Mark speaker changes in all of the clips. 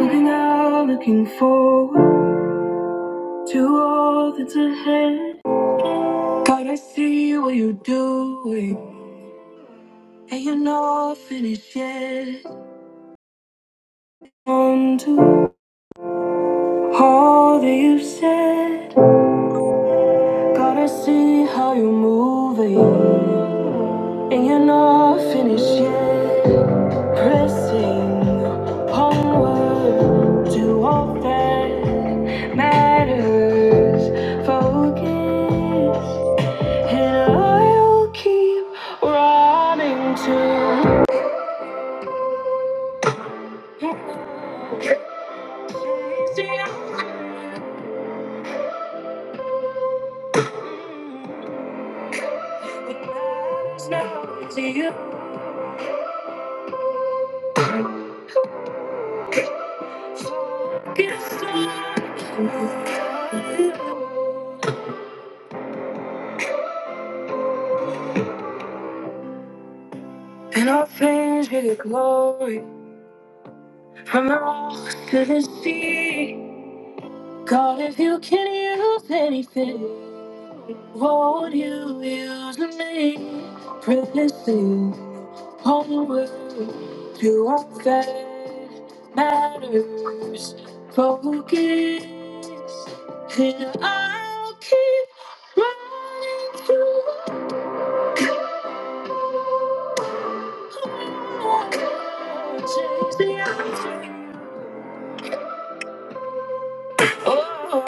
Speaker 1: I'm now looking forward to all that's ahead. God, I see what you're doing, and you're not finished yet. On to all that you've said. God, I see how you're moving, and you're not finished yet. Pressing homeward to all that matters. Focus, and I'll keep running to. It's you. Focus on you. And all things give you glory. From the rocks to the sea, God, if you can use anything, won't you use me? Privacy, homeward to what that matters. Focus, and I'll keep running to the Lord, Chase the answer. Oh,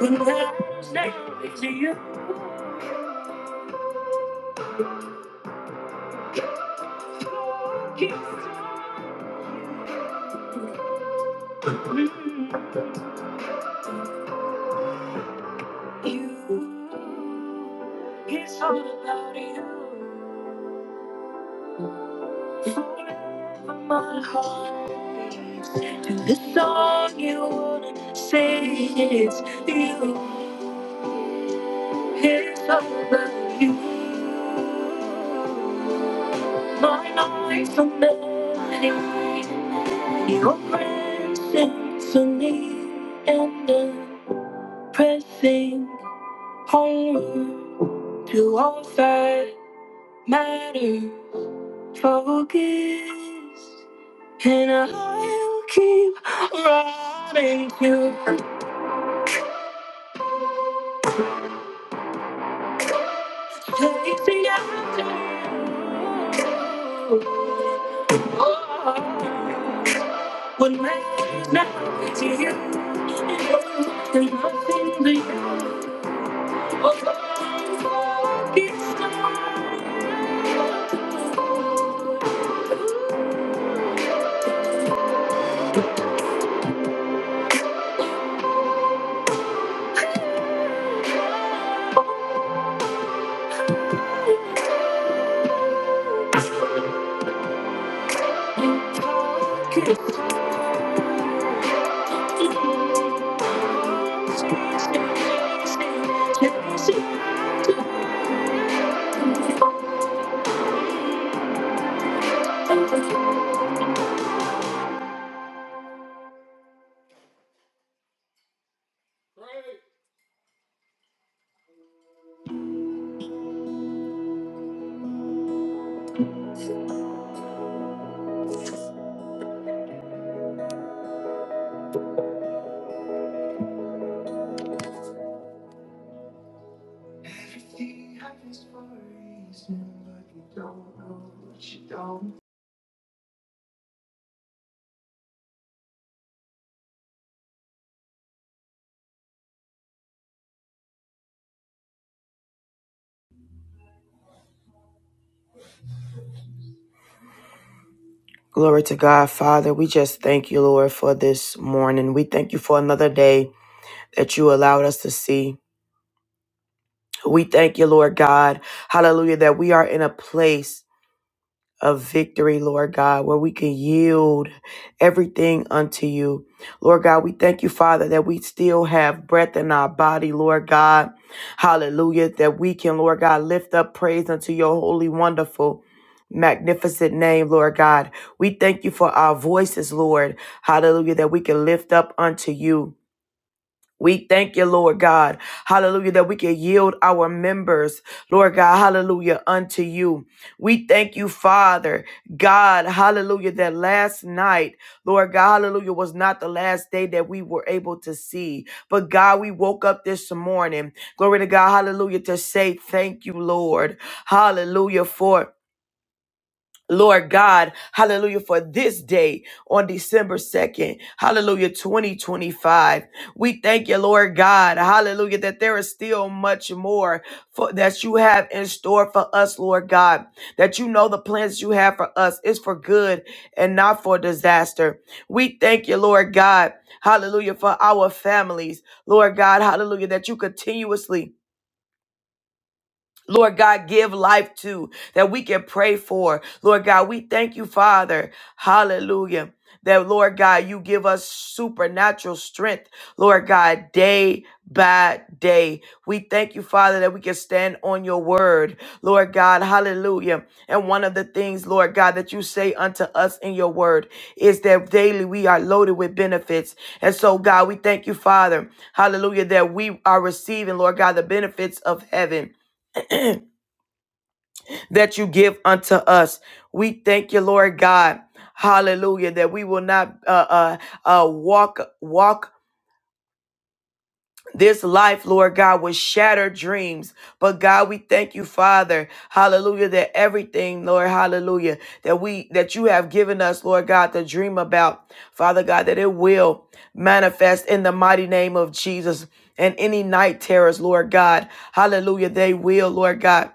Speaker 1: when the lights down, it's you. Keep mm, you. It's all about you. Forever my heart beats. And the song you wanna sing is you. It's over you. My nights are morning. Your presence to me and the pressing onward to all that matters. Focus, and I'll keep running to chase the afternoon. What matters now is you. There's nothing to you. Oh, oh, oh, it's Everything happens for a reason, but you don't know what you don't.
Speaker 2: Glory to God, Father. We just thank you, Lord, for this morning. We thank you for another day that you allowed us to see. We thank you, Lord God. Hallelujah, that we are in a place of victory, Lord God, where we can yield everything unto you. Lord God, we thank you, Father, that we still have breath in our body, Lord God. Hallelujah. That we can, Lord God, lift up praise unto your holy, wonderful, magnificent name, Lord God. We thank you for our voices, Lord. Hallelujah. That we can lift up unto you. We thank you, Lord God. Hallelujah, that we can yield our members, Lord God, hallelujah, unto you. We thank you, Father God, hallelujah, that last night, Lord God, hallelujah, was not the last day that we were able to see. But God, we woke up this morning, glory to God, hallelujah, to say thank you, Lord. Hallelujah, for Lord God, hallelujah, for this day on December 2nd, hallelujah, 2025. We thank you, Lord God, hallelujah, that there is still much more for, that you have in store for us, Lord God, that you know the plans you have for us is for good and not for disaster. We thank you, Lord God, hallelujah, for our families, Lord God, hallelujah, that you continuously Lord God, give life to that we can pray for. Lord God, we thank you, Father. Hallelujah. That, Lord God, you give us supernatural strength, Lord God, day by day. We thank you, Father, that we can stand on your word, Lord God. Hallelujah. And one of the things, Lord God, that you say unto us in your word is that daily we are loaded with benefits. And so, God, we thank you, Father. Hallelujah. That we are receiving, Lord God, the benefits of heaven. that you give unto us. We thank you, Lord God. Hallelujah. That we will not uh, uh, uh, walk, walk this life, Lord God, with shattered dreams. But God, we thank you, Father. Hallelujah. That everything, Lord, hallelujah, that we, that you have given us, Lord God, to dream about, Father God, that it will manifest in the mighty name of Jesus. And any night terrors, Lord God, hallelujah, they will, Lord God.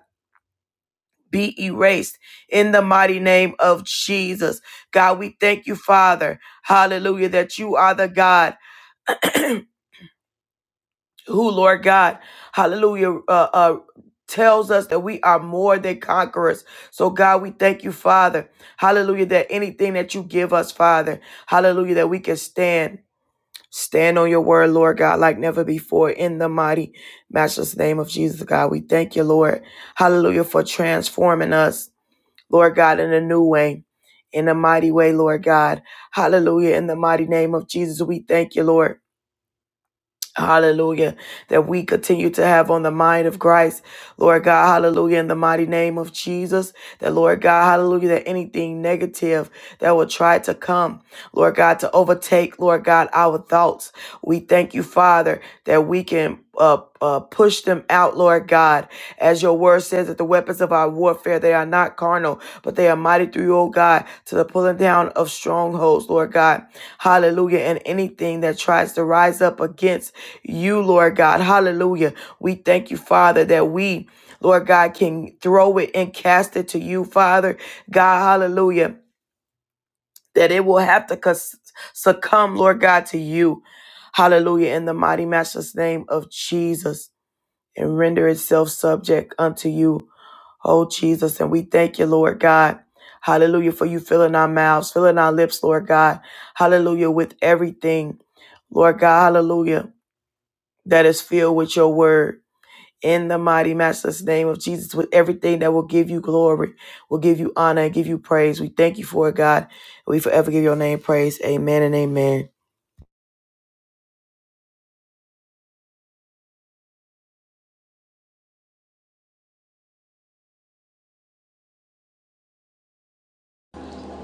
Speaker 2: be erased in the mighty name of Jesus. God, we thank you, Father. Hallelujah, that you are the God who, Lord God, hallelujah, uh, uh, tells us that we are more than conquerors. So, God, we thank you, Father. Hallelujah, that anything that you give us, Father, hallelujah, that we can stand. Stand on your word, Lord God, like never before in the mighty, matchless name of Jesus, God. We thank you, Lord. Hallelujah, for transforming us. Lord God, in a new way. In a mighty way, Lord God. Hallelujah. In the mighty name of Jesus, we thank you, Lord. Hallelujah. That we continue to have on the mind of Christ. Lord God, hallelujah, in the mighty name of Jesus. That, Lord God, hallelujah, that anything negative that will try to come, Lord God, to overtake, Lord God, our thoughts. We thank you, Father, that we can. Uh, uh, push them out, Lord God. As your word says, that the weapons of our warfare, they are not carnal, but they are mighty through you, O God, to the pulling down of strongholds, Lord God. Hallelujah. And anything that tries to rise up against you, Lord God. Hallelujah. We thank you, Father, that we, Lord God, can throw it and cast it to you, Father. God, hallelujah. That it will have to succumb, Lord God, to you. Hallelujah. In the mighty matchless name of Jesus and render itself subject unto you. Oh, Jesus. And we thank you, Lord God. Hallelujah. For you filling our mouths, filling our lips, Lord God. Hallelujah. With everything, Lord God. Hallelujah. That is filled with your word in the mighty matchless name of Jesus with everything that will give you glory, will give you honor, and give you praise. We thank you for it, God. We forever give your name praise. Amen and amen.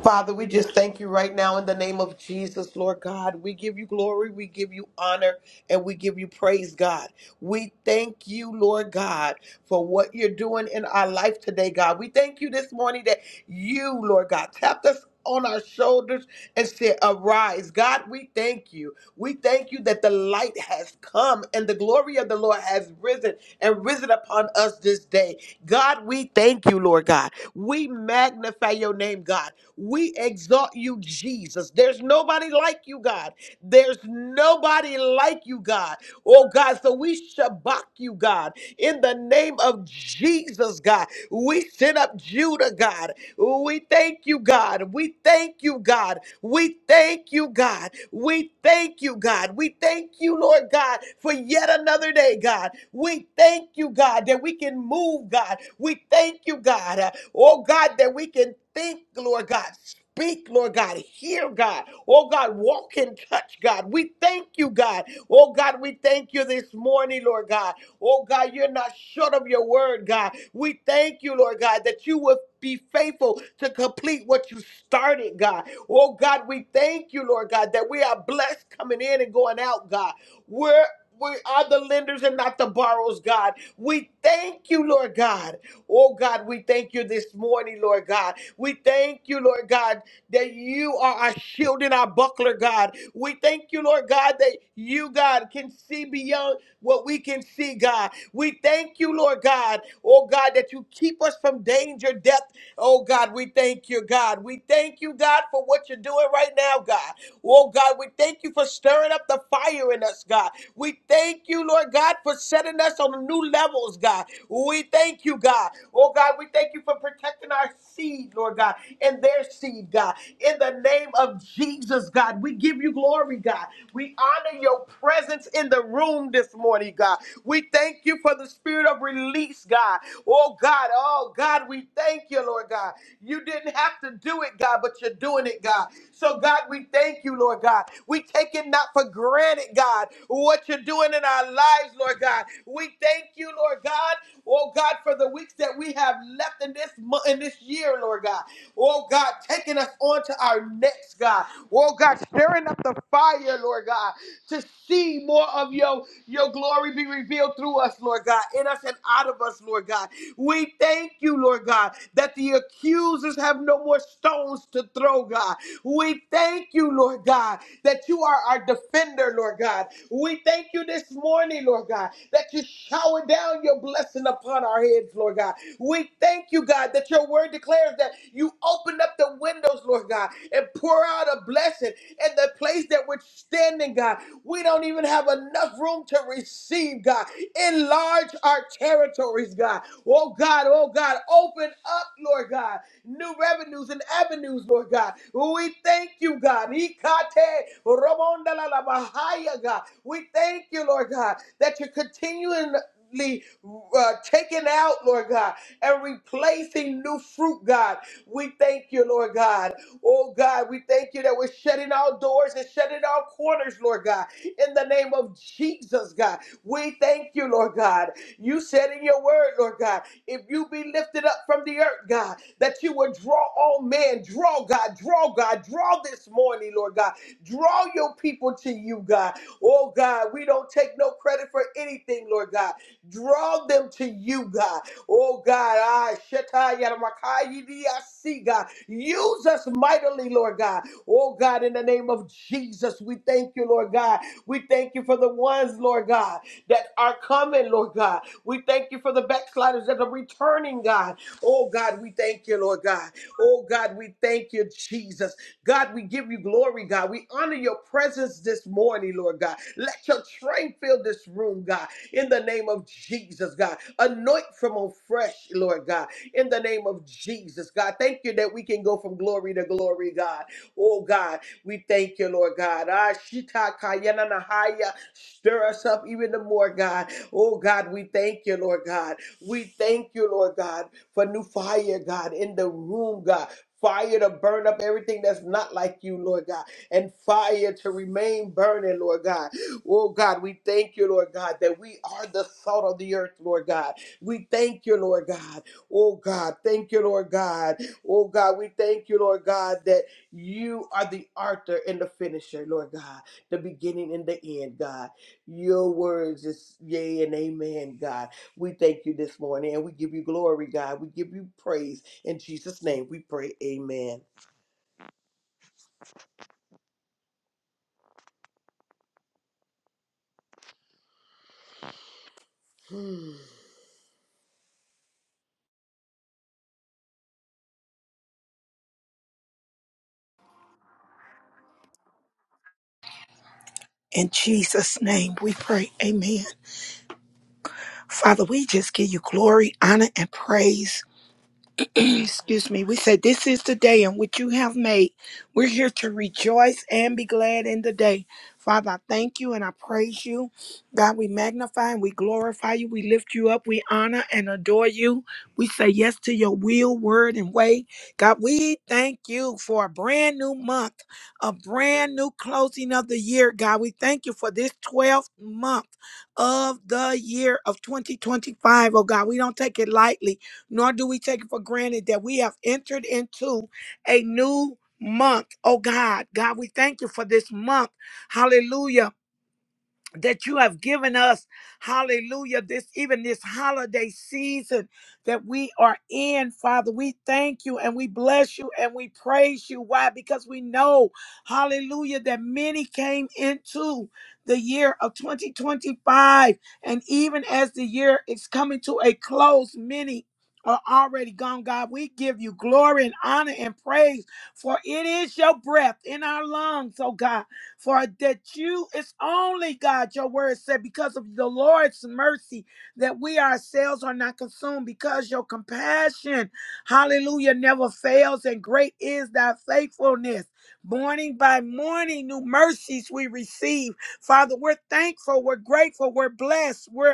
Speaker 3: Father, we just thank you right now in the name of Jesus, Lord God. We give you glory, we give you honor, and we give you praise, God. We thank you, Lord God, for what you're doing in our life today, God. We thank you this morning that you, Lord God, tapped us on our shoulders and said, Arise. God, we thank you. We thank you that the light has come and the glory of the Lord has risen and risen upon us this day. God, we thank you, Lord God. We magnify your name, God. We exalt you, Jesus. There's nobody like you, God. There's nobody like you, God. Oh God, so we shabak you, God, in the name of Jesus, God. We send up Judah, God. We thank you, God. We thank you, God. We thank you, God. We thank you, God. We thank you, Lord God, for yet another day, God. We thank you, God, that we can move, God. We thank you, God. uh, Oh God, that we can think, Lord God. Speak, Lord God. Hear, God. Oh, God, walk and touch, God. We thank you, God. Oh, God, we thank you this morning, Lord God. Oh, God, you're not short of your word, God. We thank you, Lord God, that you will be faithful to complete what you started, God. Oh, God, we thank you, Lord God, that we are blessed coming in and going out, God. We're we are the lenders and not the borrowers, God. We thank you, Lord God. Oh God, we thank you this morning, Lord God. We thank you, Lord God, that you are our shield and our buckler, God. We thank you, Lord God, that you, God, can see beyond what we can see, God. We thank you, Lord God, oh God, that you keep us from danger, death. Oh God, we thank you, God. We thank you, God, for what you're doing right now, God. Oh God, we thank you for stirring up the fire in us, God. We thank you, Lord God, for setting us on new levels, God. We thank you, God. Oh God, we thank you for protecting our seed, Lord God, and their seed, God. In the name of Jesus, God, we give you glory, God. We honor your presence that's in the room this morning, God. We thank you for the spirit of release, God. Oh, God. Oh, God, we thank you, Lord God. You didn't have to do it, God, but you're doing it, God. So, God, we thank you, Lord God. We take it not for granted, God, what you're doing in our lives, Lord God. We thank you, Lord God. Oh, God, for the weeks that we have left in this month, in this year, Lord God. Oh, God, taking us on to our next, God. Oh, God, stirring up the fire, Lord God to see more of your, your glory be revealed through us, Lord God, in us and out of us, Lord God. We thank you, Lord God, that the accusers have no more stones to throw, God. We thank you, Lord God, that you are our defender, Lord God. We thank you this morning, Lord God, that you shower down your blessing upon our heads, Lord God. We thank you, God, that your word declares that you opened up the windows, Lord God, and pour out a blessing in the place that we're standing, God. We don't even have enough room to receive, God. Enlarge our territories, God. Oh, God, oh, God, open up, Lord God, new revenues and avenues, Lord God. We thank you, God. Ikate romondalabahaya, God. We thank you, Lord God, that you're continually uh, taking out, Lord God and replacing new fruit, God. We thank you, Lord God. Oh, God, we thank you that we're shutting our doors and shutting our corners, Lord God, in the name of Jesus, God. We thank you, Lord God. You said in your word, Lord God, if you be lifted up from the earth, God, that you would draw all men. Draw, God, draw, God, draw this morning, Lord God. Draw your people to you, God. Oh, God, we don't take no credit for anything, Lord God. Draw them to you, God. Oh God, I Shetai Yaramakai Diasi, God. Use us mightily, Lord God. Oh God, in the name of Jesus, we thank you, Lord God. We thank you for the ones, Lord God, that are coming, Lord God. We thank you for the backsliders that are returning, God. Oh God, we thank you, Lord God. Oh God, we thank you, Jesus. God, we give you glory, God. We honor your presence this morning, Lord God. Let your train fill this room, God in the name of Jesus, God. Anoint from on fresh, Lord God, in the name of Jesus, God. Thank you that we can go from glory to glory, God. Oh, God, we thank you, Lord God. Ah, shita kayana nahaya. Stir us up even the more, God. Oh, God, we thank you, Lord God. We thank you, Lord God, for new fire, God, in the room, God. Fire to burn up everything that's not like you, Lord God, and fire to remain burning, Lord God Oh God, we thank you, Lord God, that we are the salt of the earth, Lord God. We thank you, Lord God. Oh God, thank you, Lord God. Oh God, we thank you, Lord God, that you are the author and the finisher, Lord God, the beginning and the end, God. Your words is yea and amen, God. We thank you this morning and we give you glory, God. We give you praise. In Jesus' name we pray, amen.
Speaker 4: In Jesus' name we pray. Amen. Father, we just give you glory, honor, and praise. Excuse me. We said, This is the day in which you have made. We're here to rejoice and be glad in the day. Father, I thank you and I praise you. God, we magnify and we glorify you. We lift you up. We honor and adore you. We say yes to your will, word, and way. God, we thank you for a brand new month, a brand new closing of the year. God, we thank you for this 12th month of the year of 2025. Oh, God, we don't take it lightly nor do we take it for granted that we have entered into a new month. Oh God, God, we thank you for this month. Hallelujah that you have given us hallelujah this even this holiday season that we are in father we thank you and we bless you and we praise you why because we know hallelujah that many came into the year of 2025 and even as the year is coming to a close many are already gone, God. We give you glory and honor and praise, for it is your breath in our lungs, oh God. For that you, it's only God, your word said, because of the Lord's mercy, that we ourselves are not consumed, because your compassion, hallelujah, never fails, and great is thy faithfulness. Morning by morning, new mercies we receive. Father, we're thankful, we're grateful, we're blessed, we're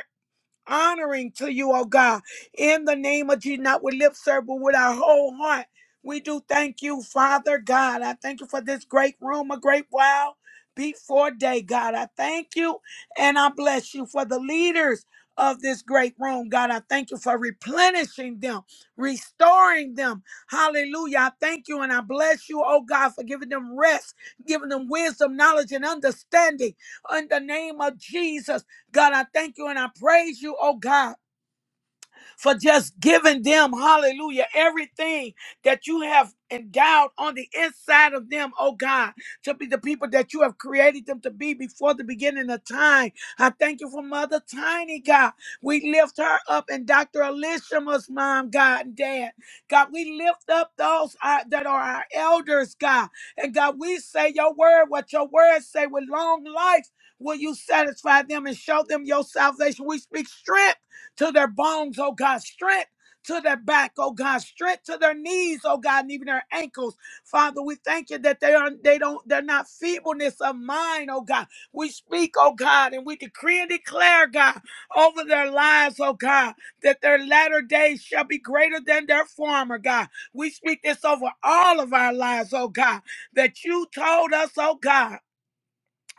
Speaker 4: honoring to you, oh God. In the name of Jesus, not with lip service, but with our whole heart. We do thank you, Father God. I thank you for this great room, a great while before day, God. I thank you and I bless you for the leaders of this great room, God. I thank you for replenishing them, restoring them. Hallelujah. I thank you and I bless you, oh God, for giving them rest, giving them wisdom, knowledge, and understanding in the name of Jesus. God, I thank you and I praise you, oh God for just giving them, hallelujah, everything that you have endowed on the inside of them, oh God, to be the people that you have created them to be before the beginning of time. I thank you for Mother Tiny, God. We lift her up and Dr. Alicia's mom, God, and dad. God, we lift up those uh, that are our elders, God. And God, we say your word, what your word say with long life. Will you satisfy them and show them your salvation? We speak strength to their bones, oh God, strength to their back, oh God, strength to their knees, oh God, and even their ankles. Father, we thank you that they are they don't they're not feebleness of mind, oh God. We speak, oh God, and we decree and declare, God, over their lives, oh God, that their latter days shall be greater than their former, God. We speak this over all of our lives, oh God, that you told us, oh God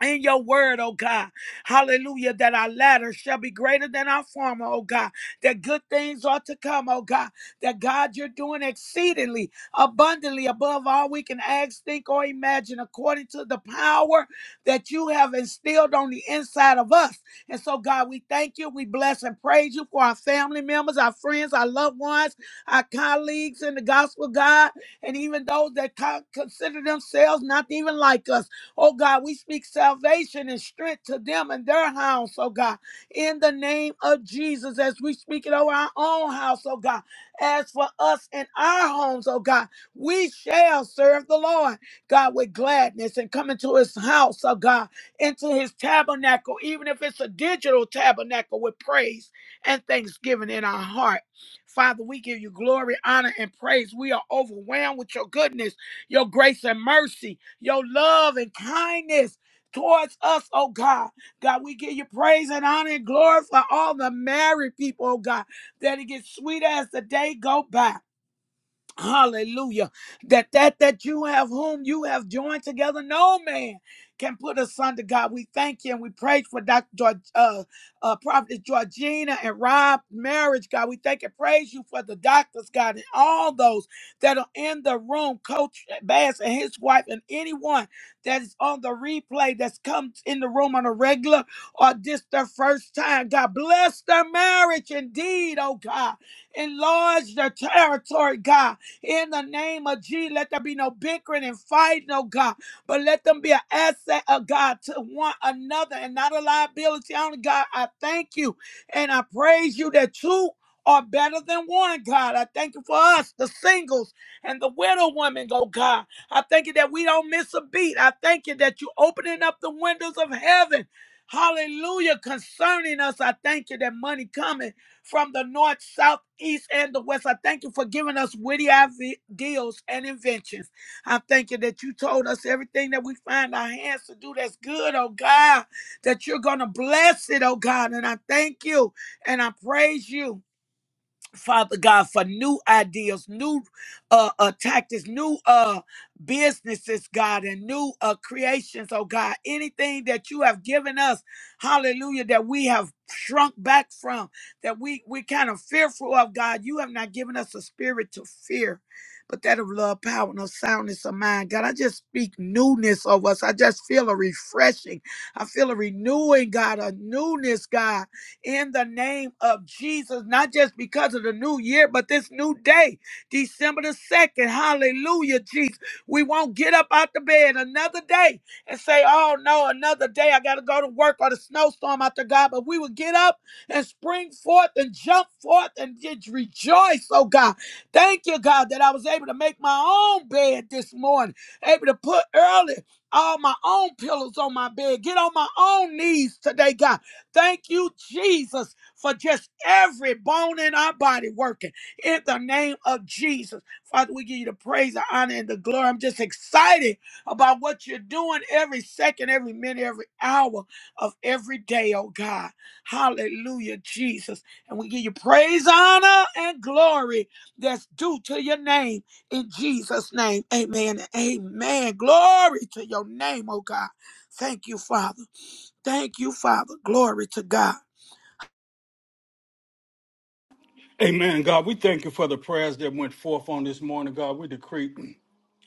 Speaker 4: in your word, oh God. Hallelujah, that our latter shall be greater than our former, oh God. That good things are to come, oh God. That God, you're doing exceedingly abundantly above all we can ask, think, or imagine, according to the power that you have instilled on the inside of us. And so, God, we thank you, we bless and praise you for our family members, our friends, our loved ones, our colleagues in the gospel, God, and even those that co- consider themselves not even like us. Oh God, we speak salvation and strength to them and their house, oh God. In the name of Jesus, as we speak it over our own house, oh God. As for us and our homes, oh God, we shall serve the Lord, God, with gladness and come into his house, oh God, into his tabernacle, even if it's a digital tabernacle with praise and thanksgiving in our heart. Father, we give you glory, honor, and praise. We are overwhelmed with your goodness your grace and mercy, your love and kindness towards us, oh God. God, we give you praise and honor and glory for all the married people, oh God, that it gets sweeter as the day go by. Hallelujah. That that that you have whom you have joined together, no man can put asunder. God, we thank you and we praise for Dr. George, uh, uh, Prophet Georgina and Rob marriage. God, we thank and praise you for the doctors, God, and all those that are in the room, Coach Bass and his wife, and anyone that is on the replay that's comes in the room on a regular or this their first time. God, bless their marriage indeed, oh God. Enlarge their territory, God in the name of Jesus, let there be no bickering and fighting, oh God. But let them be an asset, oh God, to one another and not a liability. Only God, I thank you and I praise you that two are better than one, God. I thank you for us, the singles and the widow women, oh God. I thank you that we don't miss a beat. I thank you that you are opening up the windows of heaven. Hallelujah. Concerning us, I thank you that money coming from the north, south, east, and the west. I thank you for giving us witty ideals and inventions. I thank you that you told us everything that we find our hands to do that's good, oh God, that you're going to bless it, oh God. And I thank you and I praise you. Father God, for new ideas, new uh, uh tactics, new uh businesses, God, and new uh creations, oh God. Anything that you have given us, hallelujah, that we have shrunk back from, that we we kind of fearful of, God. You have not given us a spirit to fear, but that of love, power, and a soundness of mind. God, I just speak newness of us. I just feel a refreshing. I feel a renewing, God, a newness, God in the name of Jesus, not just because of the new year, but this new day, December the 2nd. Hallelujah, Jesus. We won't get up out the bed another day and say, oh no, another day I got to go to work or the snowstorm out there, God. But we will get up and spring forth and jump forth and just rejoice, oh God. Thank you, God, that I was able to make my own bed this morning, able to put early all my own pillows on my bed, get on my own knees today, God Thank you, Jesus, for just every bone in our body working in the name of Jesus. Father, we give you the praise, the honor, and the glory. I'm just excited about what you're doing every second, every minute, every hour of every day, oh God. Hallelujah, Jesus. And we give you praise, honor, and glory that's due to your name in Jesus' name. Amen. and Amen. Glory to your name, oh God. Thank you, Father. Thank you, Father. Glory to God.
Speaker 1: Amen, God. We thank you for the prayers that went forth on this morning, God. We decree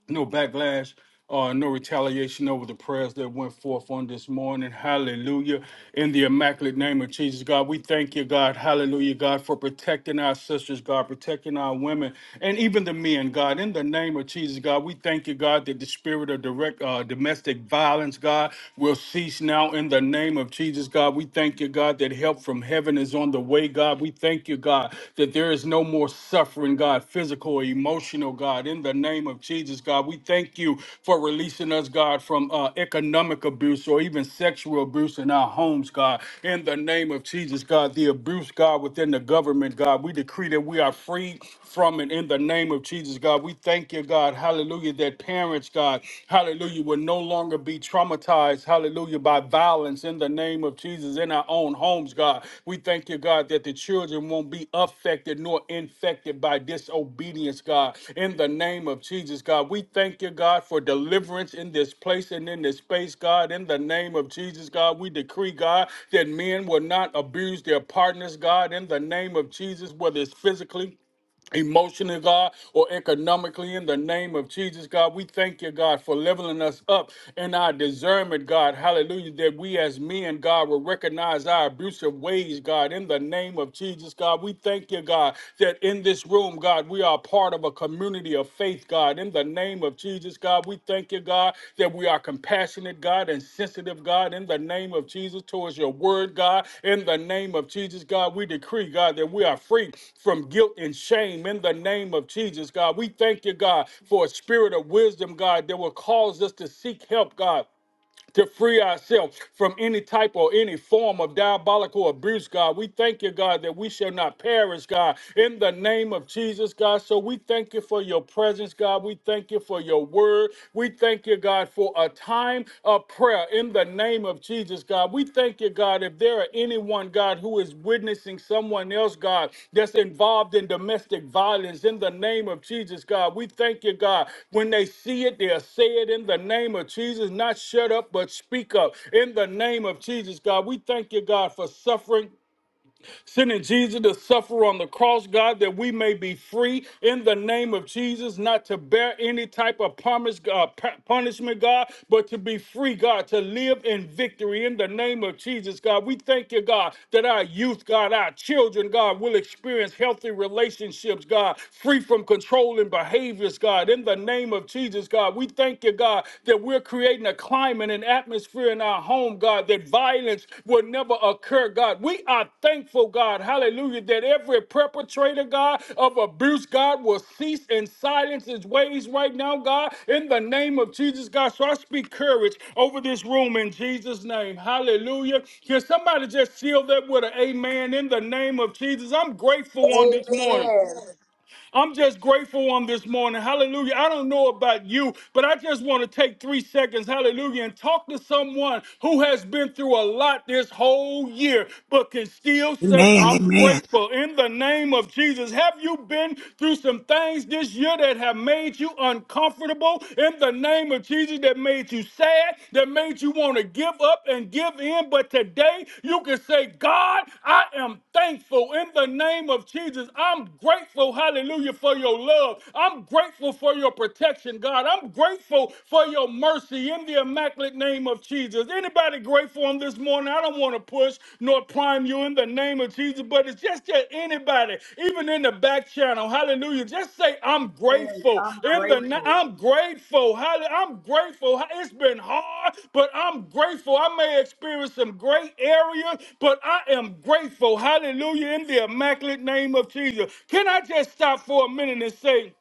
Speaker 1: no backlash. Uh, no retaliation over the prayers that went forth on this morning. Hallelujah. In the immaculate name of Jesus, God, we thank you, God. Hallelujah, God, for protecting our sisters, God, protecting our women, and even the men, God. In the name of Jesus, God, we thank you, God, that the spirit of direct uh, domestic violence, God, will cease now in the name of Jesus, God. We thank you, God, that help from heaven is on the way, pray, God, we thank you, God, that there is no more suffering, God, physical, or emotional, God, in the name of Jesus, God. We thank you for releasing us, God, from uh, economic abuse or even sexual abuse in our homes, God, in the name of Jesus, God. The abuse, God, within the government, God, we decree that we are free from it in the name of Jesus, God. We thank you, God, hallelujah, that parents, God, hallelujah, will no longer longer be traumatized, hallelujah, by violence in the name of Jesus in our own homes, God. We thank you, God, that the children won't be affected nor infected by disobedience, God, in the name of Jesus, God. We thank you, God, for deliverance in this place and in this space, God, in the name of Jesus, God. We decree, God, that men will not abuse their partners, God, in the name of Jesus, whether it's physically, emotionally, God, or economically in the name of Jesus, God. We thank you, God, for leveling us up in our discernment, God. Hallelujah. That we as men, God, will recognize our abusive ways, God, in the name of Jesus, God. We thank you, God, that in this room, God, we are part of a community of faith, God, in the name name of Jesus, God. We thank you, God, that we are compassionate, God, and sensitive, God, in the name of Jesus, towards your word, God. In the name of Jesus, God, we decree, God, that we are free from guilt and shame in the name of Jesus, God. We thank you, God, for a spirit of wisdom, God, that will cause us to seek help, God to free ourselves from any type or any form of diabolical abuse, God. We thank you, God, that we shall not perish, God, in the name of Jesus, God. So we thank you for your presence, God. We thank you for your word. We thank you, God, for a time of prayer in the name of Jesus, God. We thank you, God, if there are anyone, God, who is witnessing someone else, God, that's involved in domestic violence in the name of Jesus, God, we thank you, God. When they see it, they'll say it in the name of Jesus, not shut up, but speak up in the name of Jesus, God. We thank you, God, for suffering sending Jesus to suffer on the cross, God, that we may be free in the name of Jesus, not to bear any type of promise, uh, pu- punishment, God, but to be free, God, to live in victory in the name of Jesus, God. We thank you, God, that our youth, God, our children, God, will experience healthy relationships, God, free from controlling behaviors, God, in the name of Jesus, God. We thank you, God, that we're creating creating a climate and atmosphere in our home, God, that violence will never occur, God. We are thankful, God, hallelujah, that every perpetrator, God, of abuse, God, will cease and silence his ways right now, God, in the name of Jesus, God. So I speak courage over this room in Jesus' name. Hallelujah. Can somebody just seal that with an amen in the name of Jesus? I'm grateful on this morning.
Speaker 3: Amen.
Speaker 1: I'm just grateful on this morning. Hallelujah. I don't know about you, but I just want to take three seconds, hallelujah, and talk to someone who has been through a lot this whole year, but can still say,
Speaker 4: Amen.
Speaker 1: I'm
Speaker 4: Amen.
Speaker 1: grateful. In the name of Jesus, have you been through some things this year that have made you uncomfortable? In the name of Jesus, that made you you sad, that made you want to give up and give in. But today you can say, God, I am thankful in the name of Jesus. I'm grateful, hallelujah, for your love. I'm grateful for your protection, God. I'm grateful for your mercy in the immaculate name of Jesus. Anybody grateful on this morning? I don't want to push nor prime you you in the name of Jesus, but it's just to anybody, even in the back channel. Hallelujah. Just say, I'm grateful. In the na- I'm grateful. Hallelujah. I'm grateful. It's been hard, but I'm grateful. I may experience some great areas, but I am grateful. Hallelujah. In the immaculate name of Jesus. Can I just stop for a minute and say,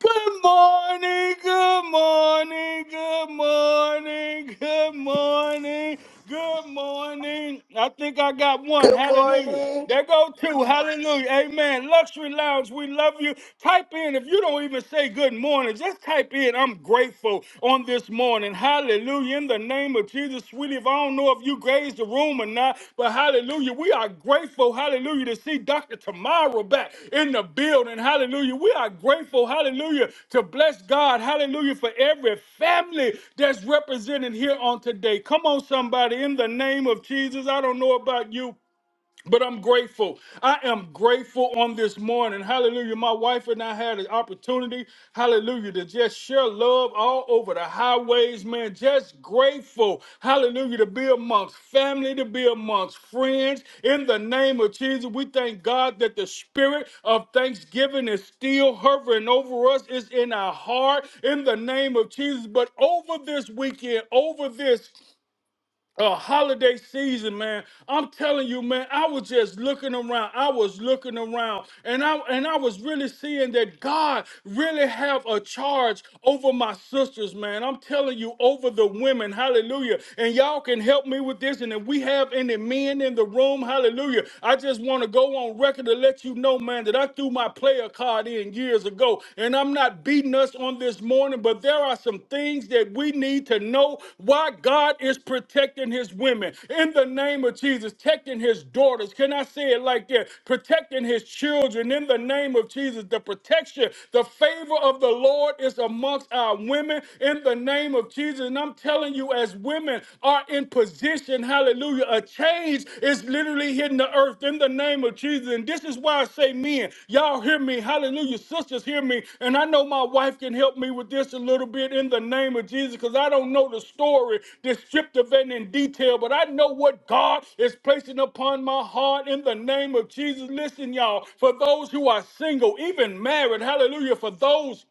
Speaker 1: Good morning, good morning, good morning, good morning, good morning. I think I got one.
Speaker 3: Good
Speaker 1: Hallelujah.
Speaker 3: morning.
Speaker 1: There go two. Hallelujah. Amen. Luxury Lounge, we love you. Type in, if you don't even say good morning, just type in, I'm grateful on this morning. Hallelujah. Hallelujah. In the name of Jesus, sweetie, if I don't know if you grazed the room or not, but hallelujah, we are grateful, hallelujah, to see Dr. Tamara back in the building. Hallelujah. We are grateful, hallelujah, to bless God, hallelujah, for every family that's represented here on today. Come on, somebody, in the name of Jesus. I don't know about you, but I'm grateful. I am grateful on this morning. Hallelujah. My wife and I had an opportunity, hallelujah, to just share love all over the highways, man. Just grateful, hallelujah, to be amongst family, to be amongst friends. In the name of Jesus, we thank God that the spirit of thanksgiving is still hovering over us, it's in our heart. In the name of Jesus. But over this weekend, over this uh, holiday season, man. I'm telling you, man, I was just looking around. I was looking around, and I and I was really seeing that God really have a charge over my sisters, man. I'm telling you, over the women, hallelujah. And y'all can help me with this. And if we have any men in the room, hallelujah. I just want to go on record to let you know, man, that I threw my player card in years ago ago. And I'm not beating us on this morning, but there are some things that we need to know why God is protecting his women in the name of Jesus, protecting his daughters. Can I say it like that? Protecting his children in the name of Jesus. The protection, the favor of the Lord is amongst our women in the name of Jesus. And I'm telling you, as women are in position, hallelujah Hallelujah. A change is literally hitting the earth in the name of Jesus. And this is why I say, men, y'all hear me. Hallelujah. Sisters, hear me. And I know my wife can help me with this a little bit in the name of Jesus because I don't know the story descriptive and in detail, but I know what God is placing upon my heart in the name of Jesus. Listen, y'all, for those who are single, even married, hallelujah, for those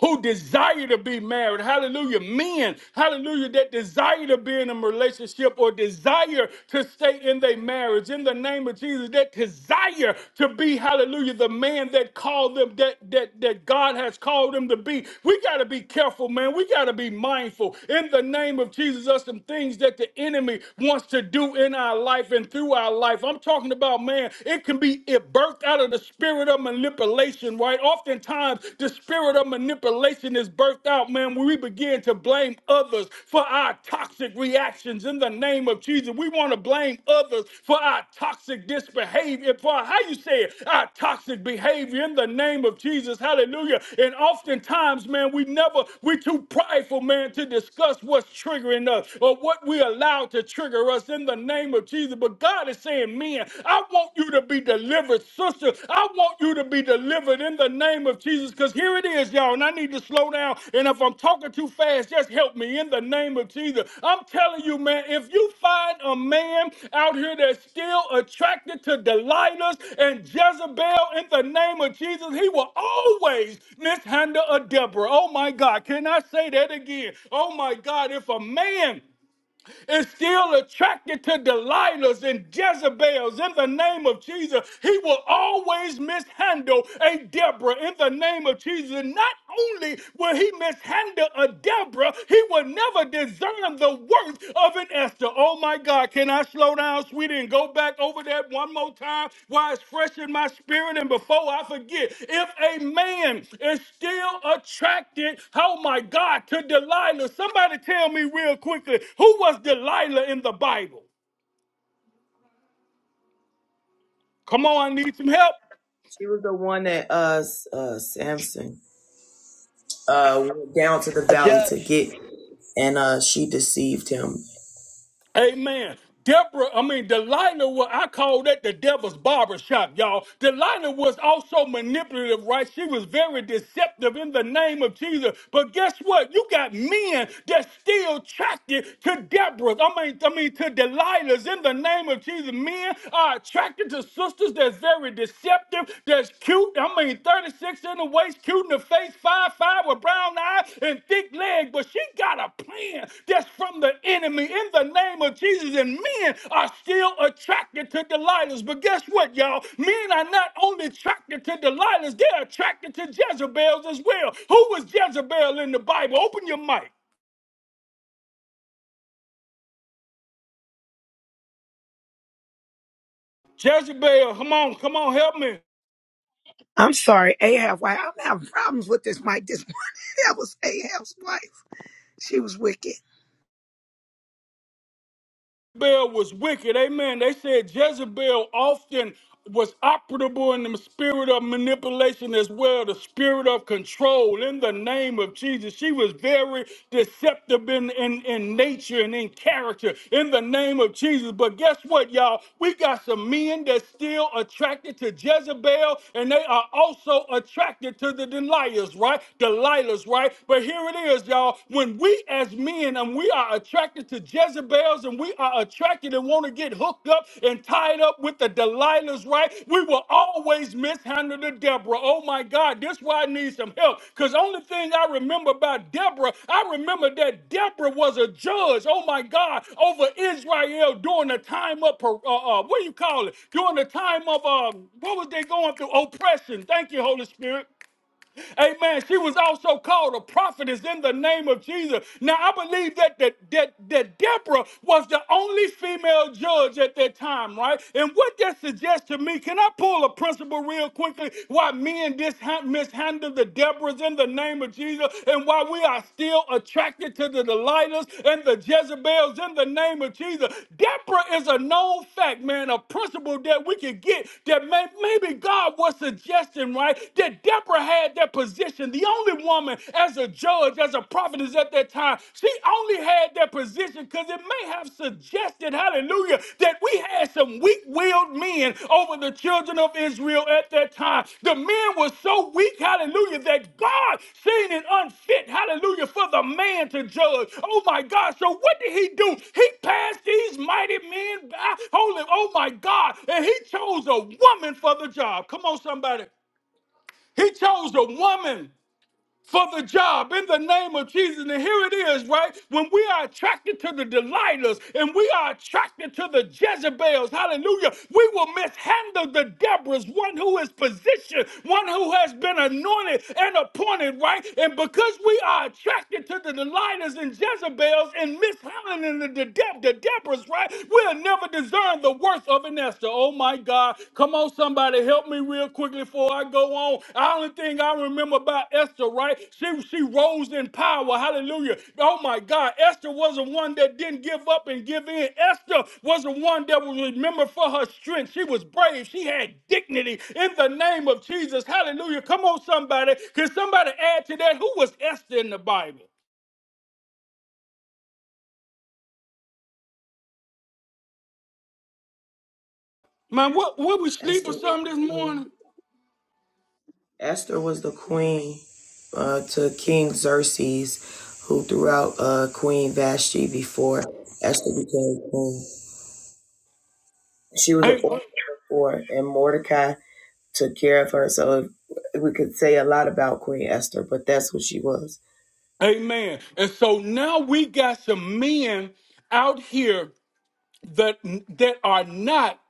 Speaker 1: who desire to be married. Hallelujah. Men, hallelujah, that desire to be in a relationship or desire to stay in their marriage. In the name of Jesus, that desire to be, hallelujah, the man that called them, that that that God has called them to be. We gotta be careful, man. We gotta be mindful. In the name of Jesus, us some things that the enemy wants to do in our life and through our life. I'm talking about man, it can be it birthed out of the spirit spirit of manipulation, right? Oftentimes, the spirit of manipulation is birthed out, man, when we begin to blame others for our toxic reactions in the name of Jesus. We want to blame others for our toxic disbehavior, for our, how you say it, our toxic behavior in the name of Jesus. Hallelujah. And oftentimes, man, we never, we're too prideful, man, to discuss what's triggering us or what we allow to trigger us in the name of Jesus. But God is God is saying, men, I want you to be delivered, sister. I want you to be delivered in the name of Jesus. Because here it is, y'all, and I need to slow down. And if I'm talking too fast, just help me in the name of Jesus. I'm telling you, man, if you find a man out here that's still attracted to Delilah's and Jezebel in the name of Jesus, he will always mishandle a Deborah. Oh my God, can I say that again? Oh my God, if a man is still attracted to Delilahs and Jezebels in the name of Jesus. He will always mishandle a Deborah in the name of Jesus. And Not only will he mishandle a Deborah, he will never discern the worth of an Esther. Oh, Oh my God, can I slow down, sweetie, and go back over that one more time while it's fresh in my spirit and before I forget? If a man is still attracted, oh my God, to Delilah, somebody tell me real quickly who was Delilah in the Bible? Come on, I need some help.
Speaker 2: She was the one that uh, uh Samson uh went down to the
Speaker 3: A
Speaker 2: valley to
Speaker 3: judge.
Speaker 2: get and uh she deceived him.
Speaker 1: Amen. Deborah, I mean, Delilah, wa- I call that the devil's barber shop, y'all. Delilah was also manipulative, right? She was very deceptive in the name of Jesus. But guess what? You got men that still attracted to Deborah's. I mean, I mean, to Delilah's in the name of Jesus. Men are attracted to sisters that's very deceptive that's cute. I mean, 36 in the waist, cute in the face, five five with brown eyes and thick leg. But she got a plan that's from the enemy in the name of Jesus. And men are still attracted to Delilahs. But guess what, y'all? Men are not only attracted to Delilahs, they're attracted to Jezebels as well. Who was Jezebel in the Bible? Open your mic. Jezebel, come on, come on, help me.
Speaker 4: I'm sorry, Ahab. Why I'm having problems with this mic this morning. That was Ahab's wife. She was wicked.
Speaker 1: Jezebel was wicked. Amen. They said Jezebel often was operable in the spirit of manipulation as well, the spirit of control in the name of Jesus. She was very deceptive in, in, in nature and in character in the name of Jesus. But guess what, y'all? We got some men that's still attracted to Jezebel and they are also attracted to the Delilahs, right? Delilahs, right? But here it is, y'all. When we as men and we are attracted to Jezebels and we are attracted and want to get hooked up and tied up with the Delilahs, right? We will always mishandle the Deborah. Oh my God, this is why I need some help. Because only thing I remember about Deborah, I remember that Deborah was a judge, oh my God, over Israel during the time of, uh, uh, what do you call it? During the time of, um, what was they going through? Oppression. Thank you, Holy Spirit. Amen. She was also called a prophetess in the name of Jesus. Now I believe that that that, that Deborah was the only female judge at that time, right? And what that suggests to me, can I pull a principle real quickly? Why men disha- mishandle the Deborahs in the name of Jesus, and why we are still attracted to the Delilahs and the Jezebels in the name of Jesus. Deborah is a known fact, man, a principle that we can get that may- maybe God was suggesting, right? That Deborah had that position. The only woman as a judge, as a prophetess at that time, she only had that position because it may have suggested, hallelujah, that we had some weak-willed men over the children of Israel at that time. The men were so weak, hallelujah, that God seen it unfit, hallelujah, for the man to judge. Oh my God. So what did he do? He passed these mighty men by. Holy, oh my God. And he chose a woman for the job. Come on, somebody. He chose a woman for the job in the name of Jesus. And here it is, right? When we are attracted to the Delilahs and we are attracted to the Jezebels, hallelujah, we will mishandle the Deborahs, one who is positioned, one who has been anointed and appointed, right? And because we are attracted to the Delilahs and Jezebels and mishandling the, the, the Deborahs, right? We'll never discern the worth of an Esther, oh my God. Come on, somebody, help me real quickly before I go on. The only thing I remember about Esther, right? She she rose in power. Hallelujah. Oh my God. Esther was the one that didn't give up and give in. Esther was the one that was remembered for her strength. She was brave. She had dignity in the name of Jesus. Hallelujah. Come on, somebody. Can somebody add to that? Who was Esther in the Bible? Man, what were we sleep or
Speaker 2: Esther
Speaker 1: something this morning?
Speaker 2: Esther was the queen uh to King Xerxes who threw out uh Queen Vashti before Esther became queen. She was an
Speaker 1: Hey,
Speaker 2: orphan before, and Mordecai took care of her. So we could say a lot about Queen Esther, but that's what she was.
Speaker 1: Amen. And so now we got some men out here that that are not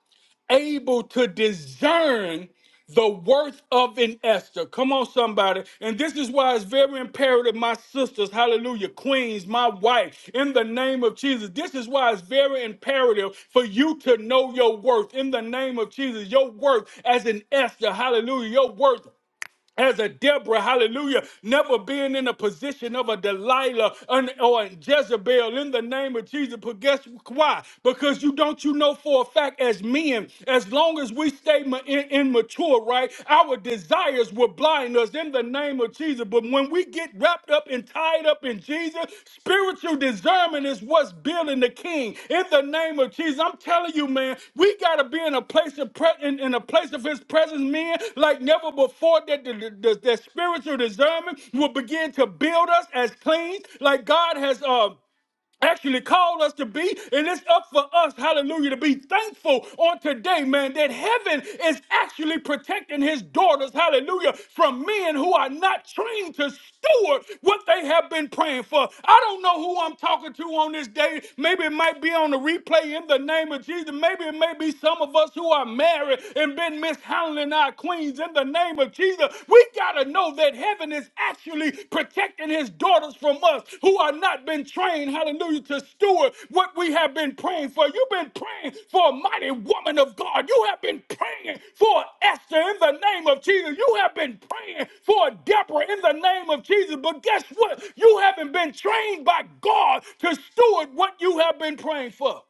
Speaker 1: able to discern the worth of an Esther. Come on, somebody. And this is why it's very imperative, my sisters, hallelujah, queens, my wife, in the name of Jesus. This is why it's very imperative for you to know your worth in the name of Jesus. Your worth as an Esther, hallelujah. Your worth as a Deborah, hallelujah, never being in a position of a Delilah un- or a Jezebel in the name of Jesus. But guess why? Because you don't you know for a fact as men, as long as we stay ma- in- immature, right, our desires will blind us in the name of Jesus. But when we get wrapped wrapped up and tied up in Jesus. Spiritual discernment is what's building the king. In the name of Jesus, I'm telling you, man, we gotta be in a place of pre- in, in a place of His presence, man, like never before. That the, the, the- that spiritual discernment will begin to build us as clean, like God has. Uh, actually called us to be. And it's up for us, hallelujah, to be thankful on today, man, that heaven is actually protecting his daughters, hallelujah, from men who are not trained to steward what they have been praying for. I don't know who I'm talking to on this day. Maybe it might be on the replay in the name of Jesus. Maybe it may be some of us who are married and been mishandling our queens in the name of Jesus we got to know that heaven is actually protecting his daughters from us who are not been trained, hallelujah, to steward what we have been praying for. You've been praying for a mighty woman of God. You have been praying for Esther in the name of Jesus. You have been praying for Deborah in the name of Jesus. But guess what? You haven't been trained by God to steward what you have been praying for.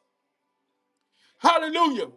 Speaker 1: Hallelujah.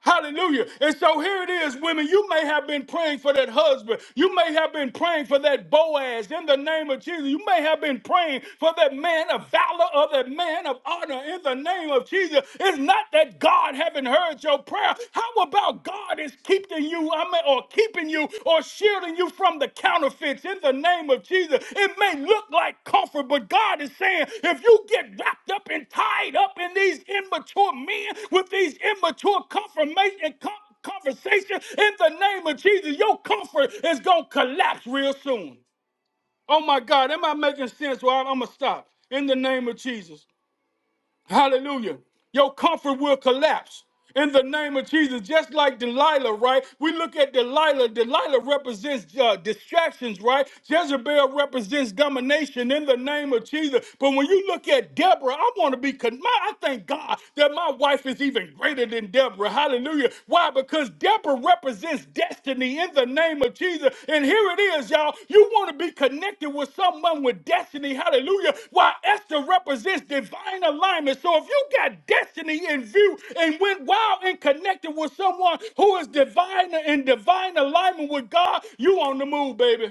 Speaker 1: Hallelujah. And so here it is, women. You may have been praying for that husband. You may have been praying for that Boaz in the name of Jesus. You may have been praying for that man of valor or that man of honor in the name of Jesus. It's not that God haven't heard your prayer. How about God is keeping you, I mean, or keeping keeping you or shielding you from the counterfeits in the name of Jesus. It may look like comfort, but God is saying if you get wrapped up and tied up in these immature men with these immature confirmation com- conversation in the name of Jesus, your comfort is gonna collapse real soon. Oh my God, am I making sense? Well, I'm gonna stop in the name of Jesus. Hallelujah. Your comfort will collapse in the name of Jesus. Just like Delilah, right? We look at Delilah. Delilah represents uh, distractions, right? Jezebel represents domination in the name of Jesus. But when you look at Deborah, I want to be, con- my, I thank God that my wife is even greater than Deborah. Hallelujah. Why? because Deborah represents destiny in the name of Jesus. And here it is, y'all. You want to be connected with someone with destiny. Hallelujah. Why Esther represents divine alignment. So if you got destiny in view and went wild and connected with someone who is divine in divine alignment with God, you on the move, baby.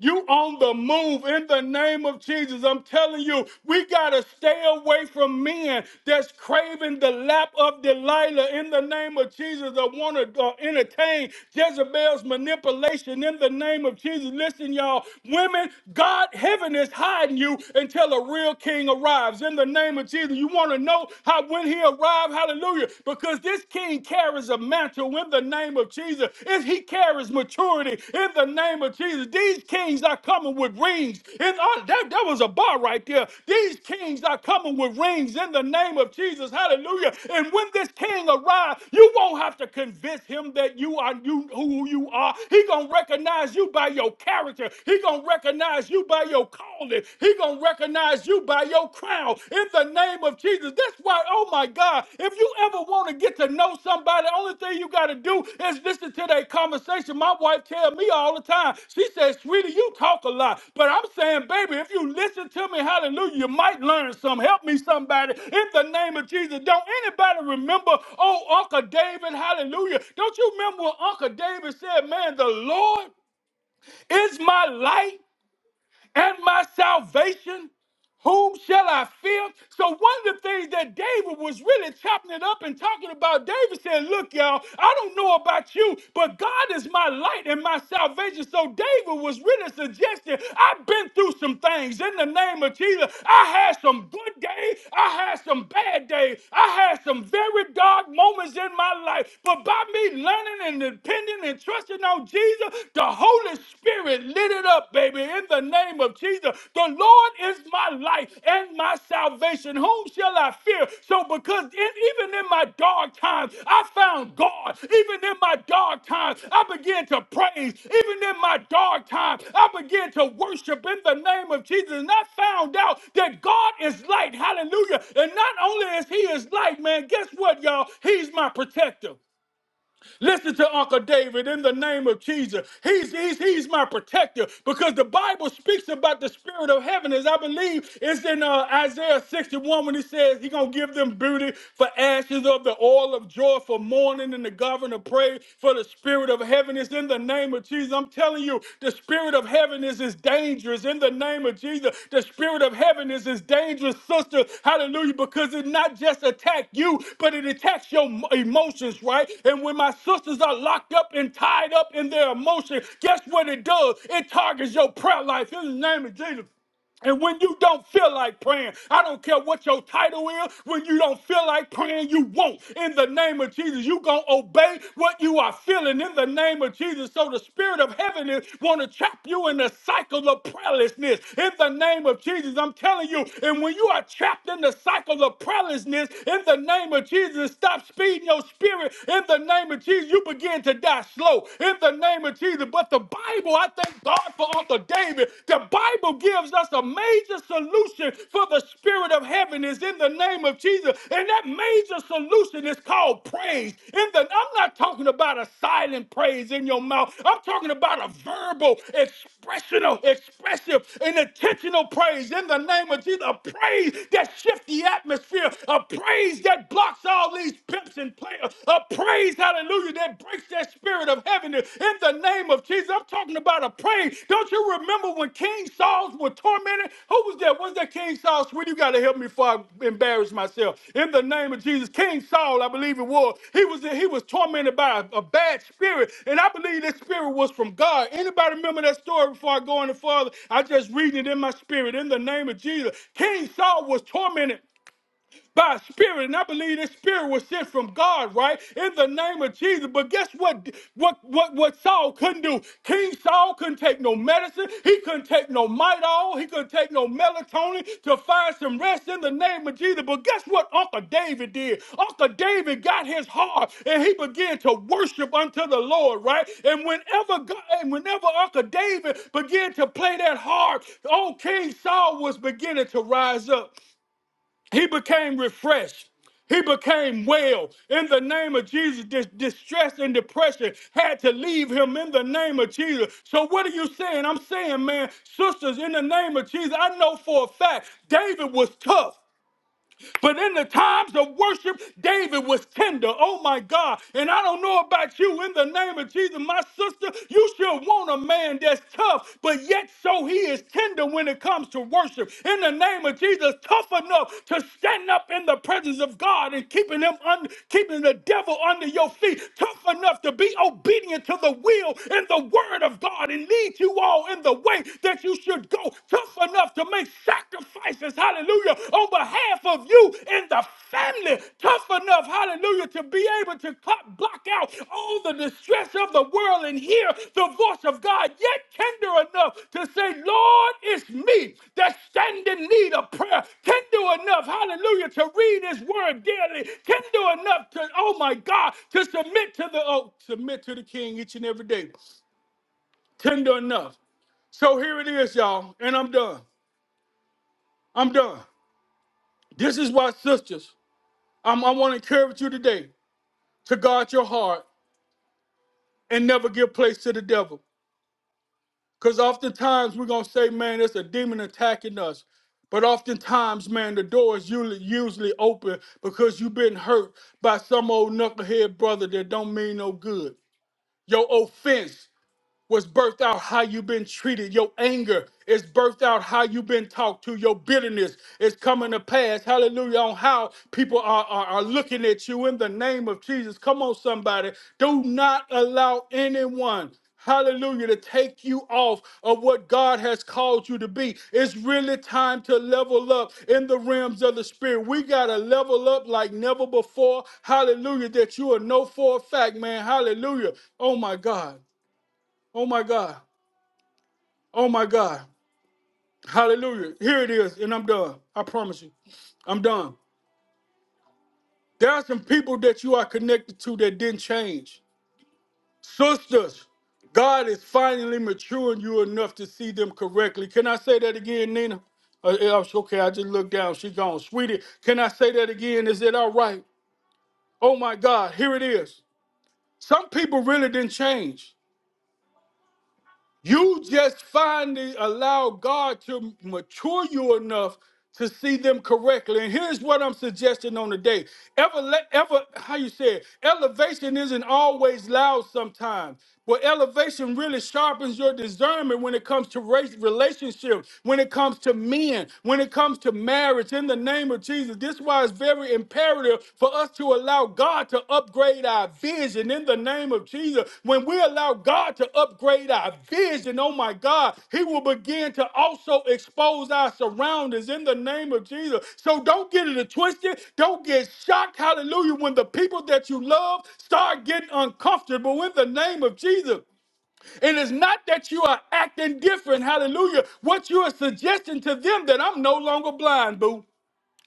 Speaker 1: You on the move in the name of Jesus. I'm telling you, we got to stay away from men that's craving the lap of Delilah in the name of Jesus that want to uh, entertain Jezebel's manipulation in the name of Jesus. Listen, y'all, women, God, heaven is hiding you until a real king arrives in the name of Jesus. You want to know how when he arrived? Hallelujah. Because this king carries carries a mantle in the name of Jesus. If he carries maturity in the name of Jesus, these kings are coming with rings. And uh, that, that was a bar right there. These kings are coming with rings in the name of Jesus. Hallelujah. And when this king arrives, you won't have to convince him that you are you who you are. He gonna recognize you by your character. He gonna recognize you by your calling. He gonna recognize you by your your crown in the name of Jesus. That's why, oh my God, if you ever want to get to know somebody, the only thing you got to do is listen to their conversation. My wife tells me all the time, she says, sweetie, you talk a lot. But I'm saying, baby, if you listen to me, hallelujah, you might learn some. Help me, somebody, in the name of Jesus. Don't anybody remember, oh, Uncle David, hallelujah. Don't you remember what Uncle David said, man, the Lord is my light and my salvation? Whom shall I fear? So one of the things that David was really chopping it up and talking about, David said, look, y'all, I don't know about you, but God is my light and my salvation. So David was really suggesting, I've been through some things in the name of Jesus. I had some good days. I had some bad days. I had some very dark moments in my life. But by me learning and depending and trusting on Jesus, the Holy spirit lit it up, baby, in the name of Jesus. The Lord is my light and my salvation. Whom shall I fear? So, because in- even in my dark times, I found God. Even in my dark times, I began to praise. Even in my dark times, I began to worship in the name of Jesus. And I found out that God is light. Hallelujah. And not only is He is light, man, guess what, y'all? He's my protector. Listen to Uncle David in the name of Jesus. He's, he's, he's my protector because the Bible speaks about the spirit of heaven, as I believe it's in uh, Isaiah 61 when he says he's going to give them beauty for ashes of the oil of joy for mourning and the governor pray for the spirit of heaven. It's in the name of Jesus. I'm telling you, telling you, the spirit of heaviness is dangerous. In the name of Jesus, the spirit of heaviness is dangerous, sister. Hallelujah. Because it not just attacks you, but it attacks your emotions, right? And when my sisters are locked up and tied up in their emotion, guess what it does? It targets your prayer life. In the name of Jesus. And when you don't feel like praying, I don't care what your title is, when you don't feel like praying, you won't. In the name of Jesus, you going to obey what you are feeling in the name of Jesus. So the spirit of heaven is want to trap you in the cycle of prayerlessness. In the name of Jesus, I'm telling you. And when you are trapped in the cycle of prayerlessness, in the name of Jesus, stop speeding your spirit. In the name of Jesus, you begin to die slow. In the name of Jesus, but but the Bible, I thank God for Uncle David. The Bible gives us a major solution for the spirit of heaven is in the name of Jesus. And that major solution is called praise. In the, I'm not talking about a silent praise in your mouth. I'm talking about a verbal, expressional, expressive, and intentional praise in the name of Jesus. A praise that shifts the atmosphere. A praise that blocks all these pimps and players. A a praise, hallelujah, that breaks that spirit of heaviness in the name of Jesus. I'm talking about a praise. Don't you remember when King Saul was tormented? Who was that? Was that King Saul? Sweet, you got to help me before I embarrass myself. In the name of Jesus, King Saul, I believe it was. He was he was tormented by a, a bad spirit, and I believe that spirit was from God. Anybody remember that story before I go any further? I just reading it in my spirit. In the name of Jesus, King Saul was tormented by a spirit. And I believe this spirit was sent from God, right? In the name of Jesus. But guess what? What what what Saul couldn't do? King Saul couldn't take no medicine. He couldn't take no mitol. He couldn't take no melatonin to find some rest in the name of Jesus. But guess what Uncle David did? Uncle David got his heart and he began to worship unto the Lord, right? And whenever God, and whenever Uncle David began to play that harp, old King Saul was beginning to rise up. He became refreshed. He became well in the name of Jesus. This distress and depression had to leave him in the name of Jesus. So, what are you saying? I'm saying, man, sisters, in the name of Jesus, I know for a fact David was tough. But in the times of worship, David was tender. Oh my God. And I don't know about you. In the name of Jesus, my sister, you should want a man that's tough, but yet so he is tender when it comes to worship. In the name of Jesus, tough enough to stand up in the presence of God and keeping him under keeping the devil under your feet. Tough enough to be obedient to the will and the word of God and lead you all in the way that you should go. Tough tough enough to make sacrifices, hallelujah, on behalf of you and the family, tough enough, hallelujah, to be able to cut, block out all the distress of the world and hear the voice of God, yet tender enough to say, Lord, it's me that stand in need of prayer, tender enough, hallelujah, to read his word daily, tender enough to, oh my God, to submit to the, oh, submit to the king each and every day, tender enough. So here it is, y'all, and I'm done. I'm done. This is why, sisters, I'm, I want to encourage you today to guard your heart and never give place to the devil. Because oftentimes we're going to say, man, there's a demon attacking us. But oftentimes, man, the door is usually, usually open because you've been hurt by some old knucklehead brother that don't mean no good. Your offense was birthed out how you've been treated. Your anger is birthed out how you've been talked to. Your bitterness is coming to pass. Hallelujah. On how people are, are, are looking at you in the name of Jesus. Come on, somebody. Do not allow anyone. Hallelujah, to take you off of what God has called you to be. It's really time to level up in the realms of the spirit. We got to level up like never before. Hallelujah, that you are know for a fact, man. Hallelujah. Oh my God Oh my God. Oh my God. Hallelujah. Here it is, and I'm done. I promise you. I'm done. There are some people that you are connected to that didn't change. Sisters, God is finally maturing you enough to see them correctly. Can I say that again, Nina? Uh, yeah, okay, I just looked down. She gone. Sweetie, can I say that again? Is it all right? Oh my God, here it is. Some people really didn't change. You just finally allow God to mature you enough to see them correctly. And here's what I'm suggesting on the day. Ever, ever, how you say it? Elevation isn't always loud sometimes, but elevation really sharpens your discernment when it comes to race, relationships, when it comes to men, when it comes to marriage. In the name of Jesus, this why it's very imperative for us to allow God to upgrade our vision in the name of Jesus. When we allow God to upgrade our vision, oh my God, He will begin to also expose our surroundings in the name of Jesus. So don't get it twisted. Don't get shocked, hallelujah, when the people that you love start getting uncomfortable in the name of Jesus. And it's not that you are acting different, hallelujah. What you are suggesting to them that I'm no longer blind, boo.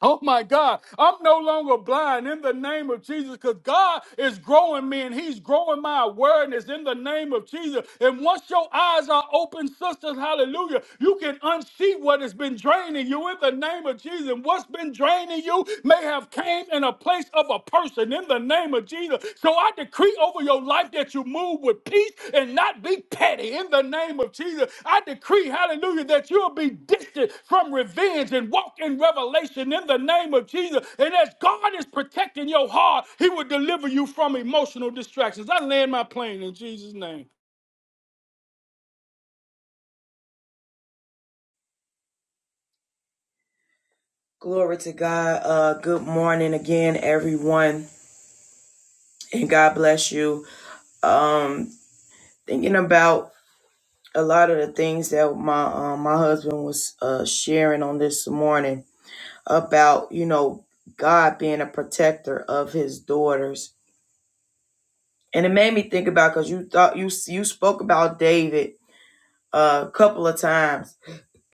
Speaker 1: Oh my God, I'm no longer blind in the name of Jesus because God is growing me and He's growing my awareness in the name of Jesus. And once your eyes are open, sisters, hallelujah, you can unsee what has been draining you in the name of Jesus. And what's been draining you may have came in a place of a person in the name name of Jesus. So I decree over your life that you move with peace and not be petty in the name of Jesus. I decree, hallelujah, that you'll be distant from revenge and walk in revelation in the name of Jesus. And as God is protecting your heart, He will deliver you from emotional distractions. I land my plane in Jesus' name.
Speaker 2: Glory to God. Uh, good morning again, everyone, and God bless you. Um, thinking about a lot of the things that my um, my husband was uh, sharing on this morning about you know God being a protector of His daughters, and it made me think about because you thought you you spoke about David uh, a couple of times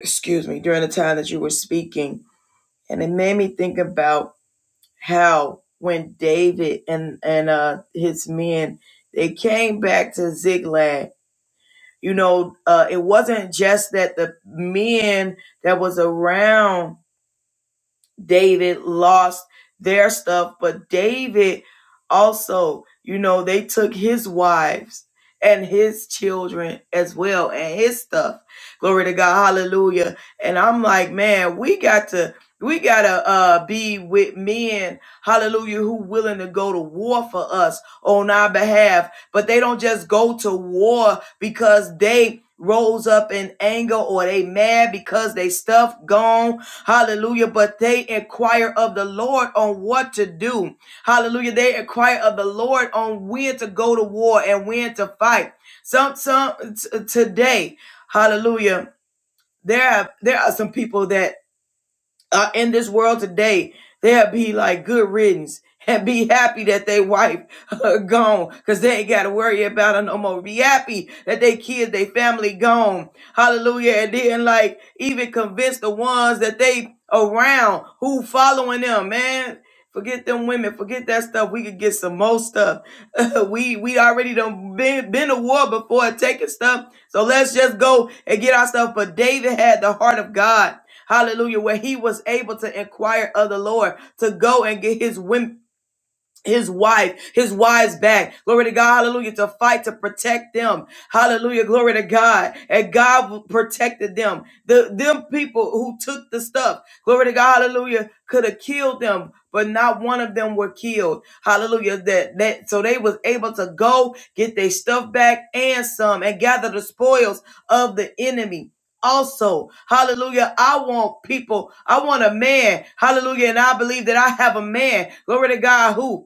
Speaker 2: excuse me, during the time that you were speaking. And it made me think about how when David and, and uh, his men, they came back to Ziklag, you know, uh, it wasn't just that the men that was around David lost their stuff, but David also, you know, they took his wives and his children as well and his stuff. Glory to God. Hallelujah. And I'm like, man, we got to we got to uh, be with men, hallelujah, who willing to go to war for us on our behalf. But they don't just go to war because they rose up in anger or they mad because they stuff gone Hallelujah. But they inquire of the Lord on what to do. Hallelujah. They inquire of the Lord on when to go to war and when to fight. Some, some t- today, hallelujah. There, are there are some people that uh, in this world today, they'll be like good riddance and be happy that they wife uh, gone because they ain't got to worry about her no more. Be happy that they kids, they family gone. Hallelujah. And then like even convince the ones that they around who following them, man. Forget them women. Forget that stuff. We could get some more stuff. we we already done been been to war before taking stuff. So let's just go and get our stuff. But David had the heart of God. Hallelujah. Where he was able to inquire of the Lord to go and get his his wife, his wives back. Glory to God. Hallelujah. To fight to protect them. Hallelujah. Glory to God. And God protected them. The them people who took the stuff. Glory to God. Hallelujah. Could have killed them, but not one of them were killed. Hallelujah. That that so they was able to go get their stuff back and some and gather the spoils of the enemy. Also, hallelujah. I want people. I want a man. Hallelujah. And I believe that I have a man. Glory to God who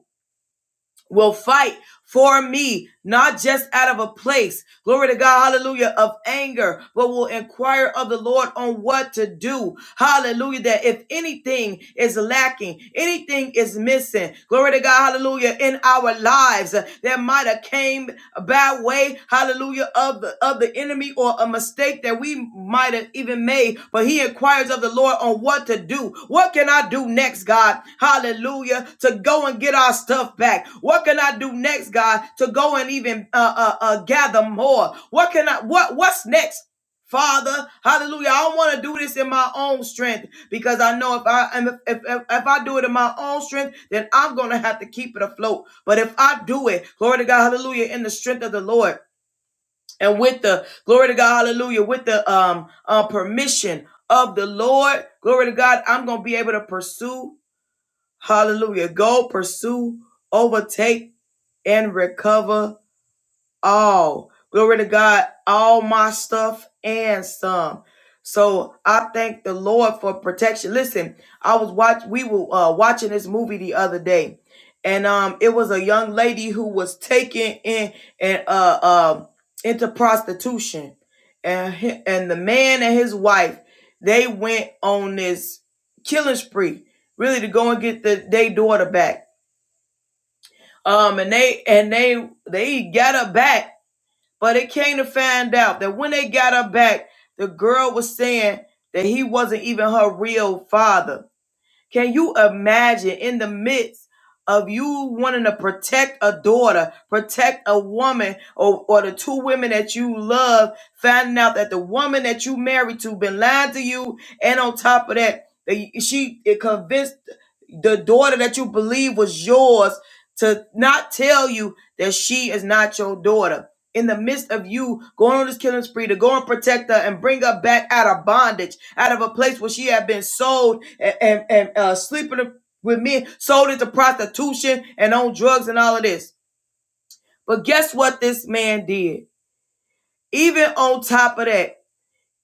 Speaker 2: will fight for me, not just out of a place, glory to God, hallelujah, of anger, but will inquire of the Lord on what to do. Hallelujah, that if anything is lacking, anything is missing, glory to God, hallelujah, in our lives that might have came bad way, hallelujah, of the of the enemy or a mistake that we might have even made. But he inquires of the Lord on what to do. What can I do next, God? Hallelujah. To go and get our stuff back. What can I do next, God? To go and even uh uh, uh gather more. What can I what what's next? Father, hallelujah. I don't want to do this in my own strength because I know if I am if, if if if I do it in my own strength, then I'm gonna have to keep it afloat. But if I do it, glory to God, hallelujah, in the strength of the Lord and with the glory to God, hallelujah, with the um uh, permission of the Lord, glory to God, I'm gonna be able to pursue, hallelujah, go pursue, overtake, and recover all. Glory to God, all my stuff and some. So I thank the Lord for protection. Listen, I was watch we were uh, watching this movie the other day, and um it was a young lady who was taken in and uh um into prostitution, and he- and the man and his wife they went on this killing spree, really to go and get the their daughter back. Um, and they and they they got her back but it came to find out that when they got her back, the girl was saying that he wasn't even her real father. Can you imagine in the midst of you wanting to protect a daughter, protect a woman, or, or the two women that you love, finding out that the woman that you married to been lying to you, and on top of that, that she it convinced the daughter that you believe was yours to not tell you that she is not your daughter. In the midst of you going on this killing spree to go and protect her and bring her back out of bondage, out of a place where she had been sold and, and, and, uh, sleeping with men, sold into prostitution and on drugs and all of this. But guess what this man did? Even on top of that,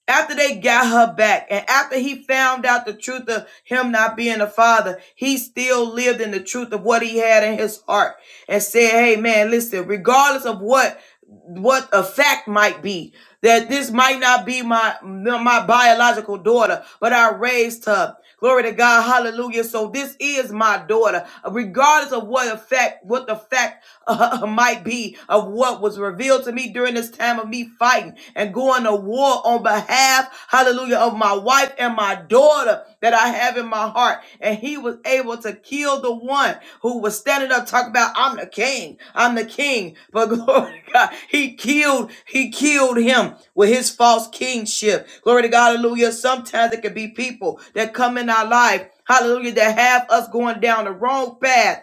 Speaker 2: after they got her back and after he found out the truth of him not being a father, he still lived in the truth of what he had in his heart and said, Hey man, listen, regardless of what what a fact might be, that this might not be my my biological daughter, but I raised her. Glory to God, Hallelujah. So this is my daughter, regardless of what effect, what the fact uh, might be of what was revealed to me during this time of me fighting and going to war on behalf, Hallelujah, of my wife and my daughter order that I have in my heart. And he was able to kill the one who was standing up talking about, I'm the king, I'm the king. But glory to God, he killed, he killed him with his false kingship. Glory to God, hallelujah. Sometimes it can be people that come in our life. Hallelujah, that have us going down the wrong path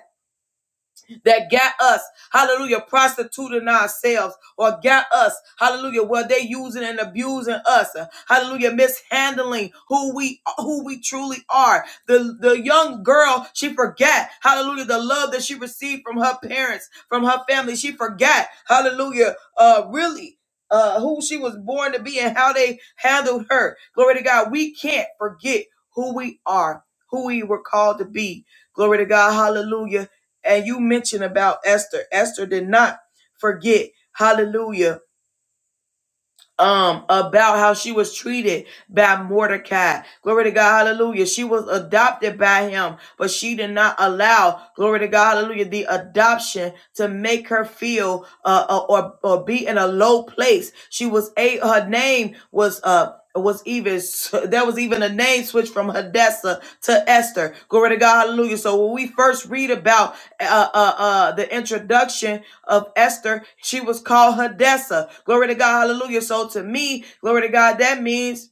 Speaker 2: that got us, hallelujah, prostituting ourselves or got us, hallelujah, where they using and abusing us, uh, hallelujah, mishandling who we who we truly are. The the young girl, she forgot, hallelujah, the love that she received from her parents, from her family. She forgot, hallelujah, uh really uh who she was born to be and how they handled her. Glory to God. We can't forget who we are, who we were called to be. Glory to God. Hallelujah and you mentioned about Esther. Esther did not forget. Hallelujah um about how she was treated by Mordecai. Glory to God, hallelujah. She was adopted by him, but she did not allow, glory to God, hallelujah, the adoption to make her feel uh, uh, or or be in a low place. She was a her name was uh was even there was even a name switch from Hadassah to Esther. Glory to God, hallelujah. So when we first read about uh uh, uh the introduction of Esther. She was called Hadessa. Glory to God. Hallelujah. So to me, glory to God, that means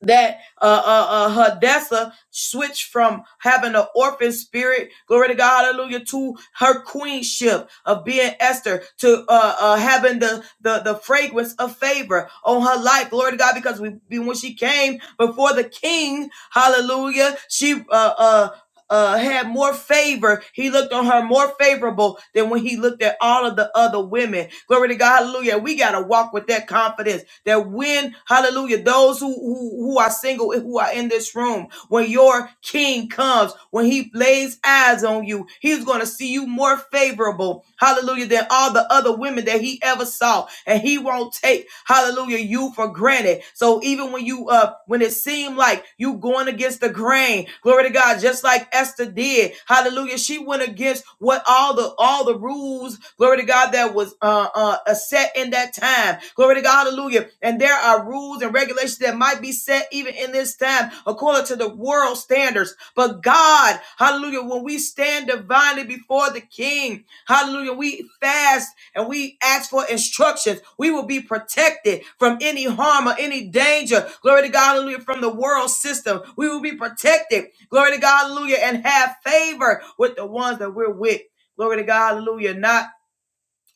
Speaker 2: that uh, uh, uh, Hadessa switched from having an orphan spirit, glory to God, hallelujah, to her queenship of being Esther, to uh, uh, having the, the, the fragrance of favor on her life, glory to God, because we, when she came before the king, hallelujah, she uh, uh, uh, had more favor. He looked on her more favorable than when he looked at all of the other women. Glory to God. Hallelujah. We got to walk with that confidence that when, hallelujah, those who, who, who are single, who are in this room, when your king comes, when he lays eyes on you, he's going to see you more favorable. Hallelujah. Than all the other women that he ever saw. And he won't take, hallelujah, you for granted. So even when you, uh, when it seemed like you going against the grain, reign. Glory to God, just like Esther did. Hallelujah. She went against what all the all the rules, glory to God, that was uh, uh uh, set in that time. Glory to God, hallelujah. And there are rules and regulations that might be set even in this time according to the world standards. But God, hallelujah, when we stand divinely before the King, hallelujah, we fast and we ask for instructions, we will be protected from any harm or any danger. Glory to God, hallelujah, from the world system. We will be protected, glory to God, hallelujah, and have favor with the ones that we're with. Glory to God, hallelujah. Not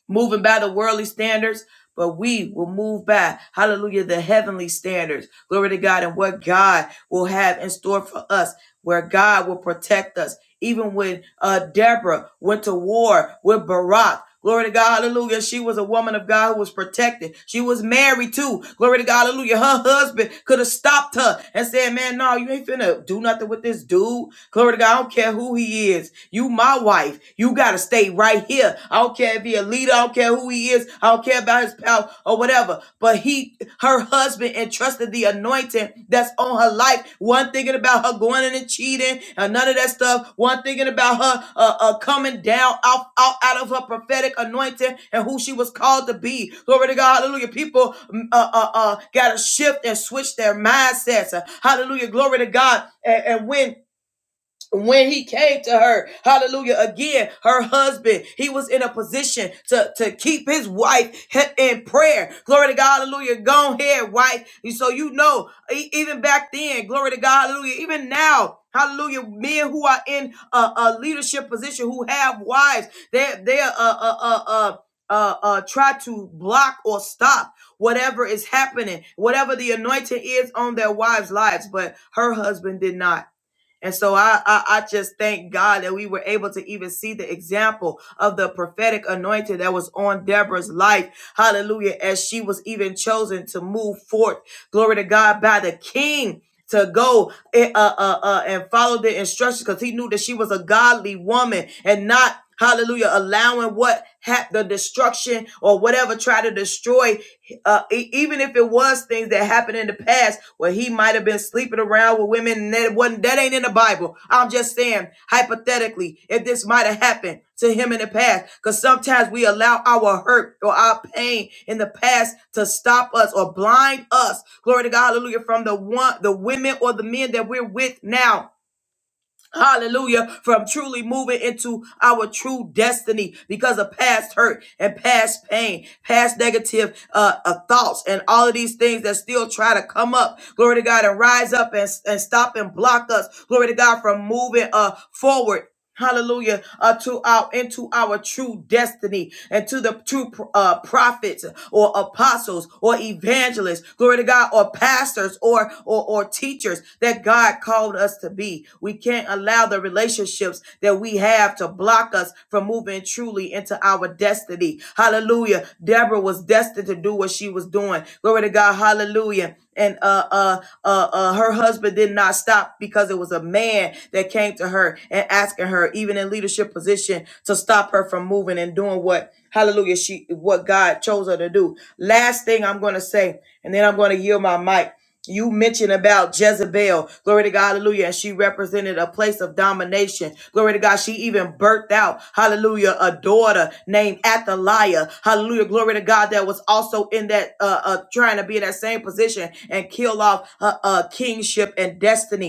Speaker 2: moving by the worldly standards, but we will move by, hallelujah, the heavenly standards. Glory to God and what God will have in store for us, where God will protect us. Even when uh, Deborah went to war with Barak, glory to God, hallelujah, she was a woman of God who was protected. She was married too, glory to God, hallelujah. Her husband could have stopped her and said, Man, no, you ain't finna do nothing with this dude. Glory to God. I don't care who he is. You my wife. You gotta stay right here. I don't care if he a leader. I don't care who he is. I don't care about his power or whatever. But he, her husband, entrusted the anointing that's on her life. One thinking about her going in and cheating and none of that stuff. One thinking about her uh, uh, coming down out, out out of her prophetic anointing and who she was called to be. Glory to God. Hallelujah. People mm, uh, uh, uh, gotta shift and switch their mindsets. Uh, Hallelujah. Glory to God. And, and when when he came to her hallelujah again her husband he was in a position to to keep his wife in prayer glory to god hallelujah go ahead wife And so you know e- even back then glory to god hallelujah even now Hallelujah. Men who are in a, a leadership position who have wives, they they uh uh uh uh uh, uh try to block or stop whatever is happening, whatever the anointing is on their wives' lives. But her husband did not. And so I, I I just thank God that we were able to even see the example of the prophetic anointing that was on Deborah's life. Hallelujah. As she was even chosen to move forth. Glory to God by the king to go eh, uh, uh, uh, and follow the instructions because he knew that she was a godly woman and not Hallelujah, allowing what had the destruction or whatever try to destroy uh, e- even if it was things that happened in the past where he might have been sleeping around with women and that wasn't that ain't in the bible i'm just saying hypothetically if this might have happened to him in the past because sometimes we allow our hurt or our pain in the past to stop us or blind us glory to god hallelujah from the one the women or the men that we're with now Hallelujah. From truly moving into our true destiny because of past hurt and past pain, past negative uh, uh, thoughts, and all of these things that still try to come up. Glory to God and rise up and, and stop and block us. Glory to God from moving uh, forward Hallelujah. Uh, to our into our true destiny and to the true uh, prophets or apostles or evangelists, glory to God, or pastors or, or or teachers that God called us to be. We can't allow the relationships that we have to block us from moving truly into our destiny. Hallelujah. Deborah was destined to do what she was doing. Glory to God. Hallelujah. And uh uh uh, uh her husband did not stop because it was a man that that came to her and asking her, even in leadership position, to stop her from moving and doing what hallelujah she what God chose her to do. Last thing I'm gonna say, and then I'm gonna yield my mic. You mentioned about Jezebel, glory to God, hallelujah, and she represented a place of domination. Glory to God, she even birthed out, hallelujah, a daughter named Athaliah, hallelujah, glory to God, that was also in that, uh, uh trying to be in that same position and kill off uh, uh kingship and destiny.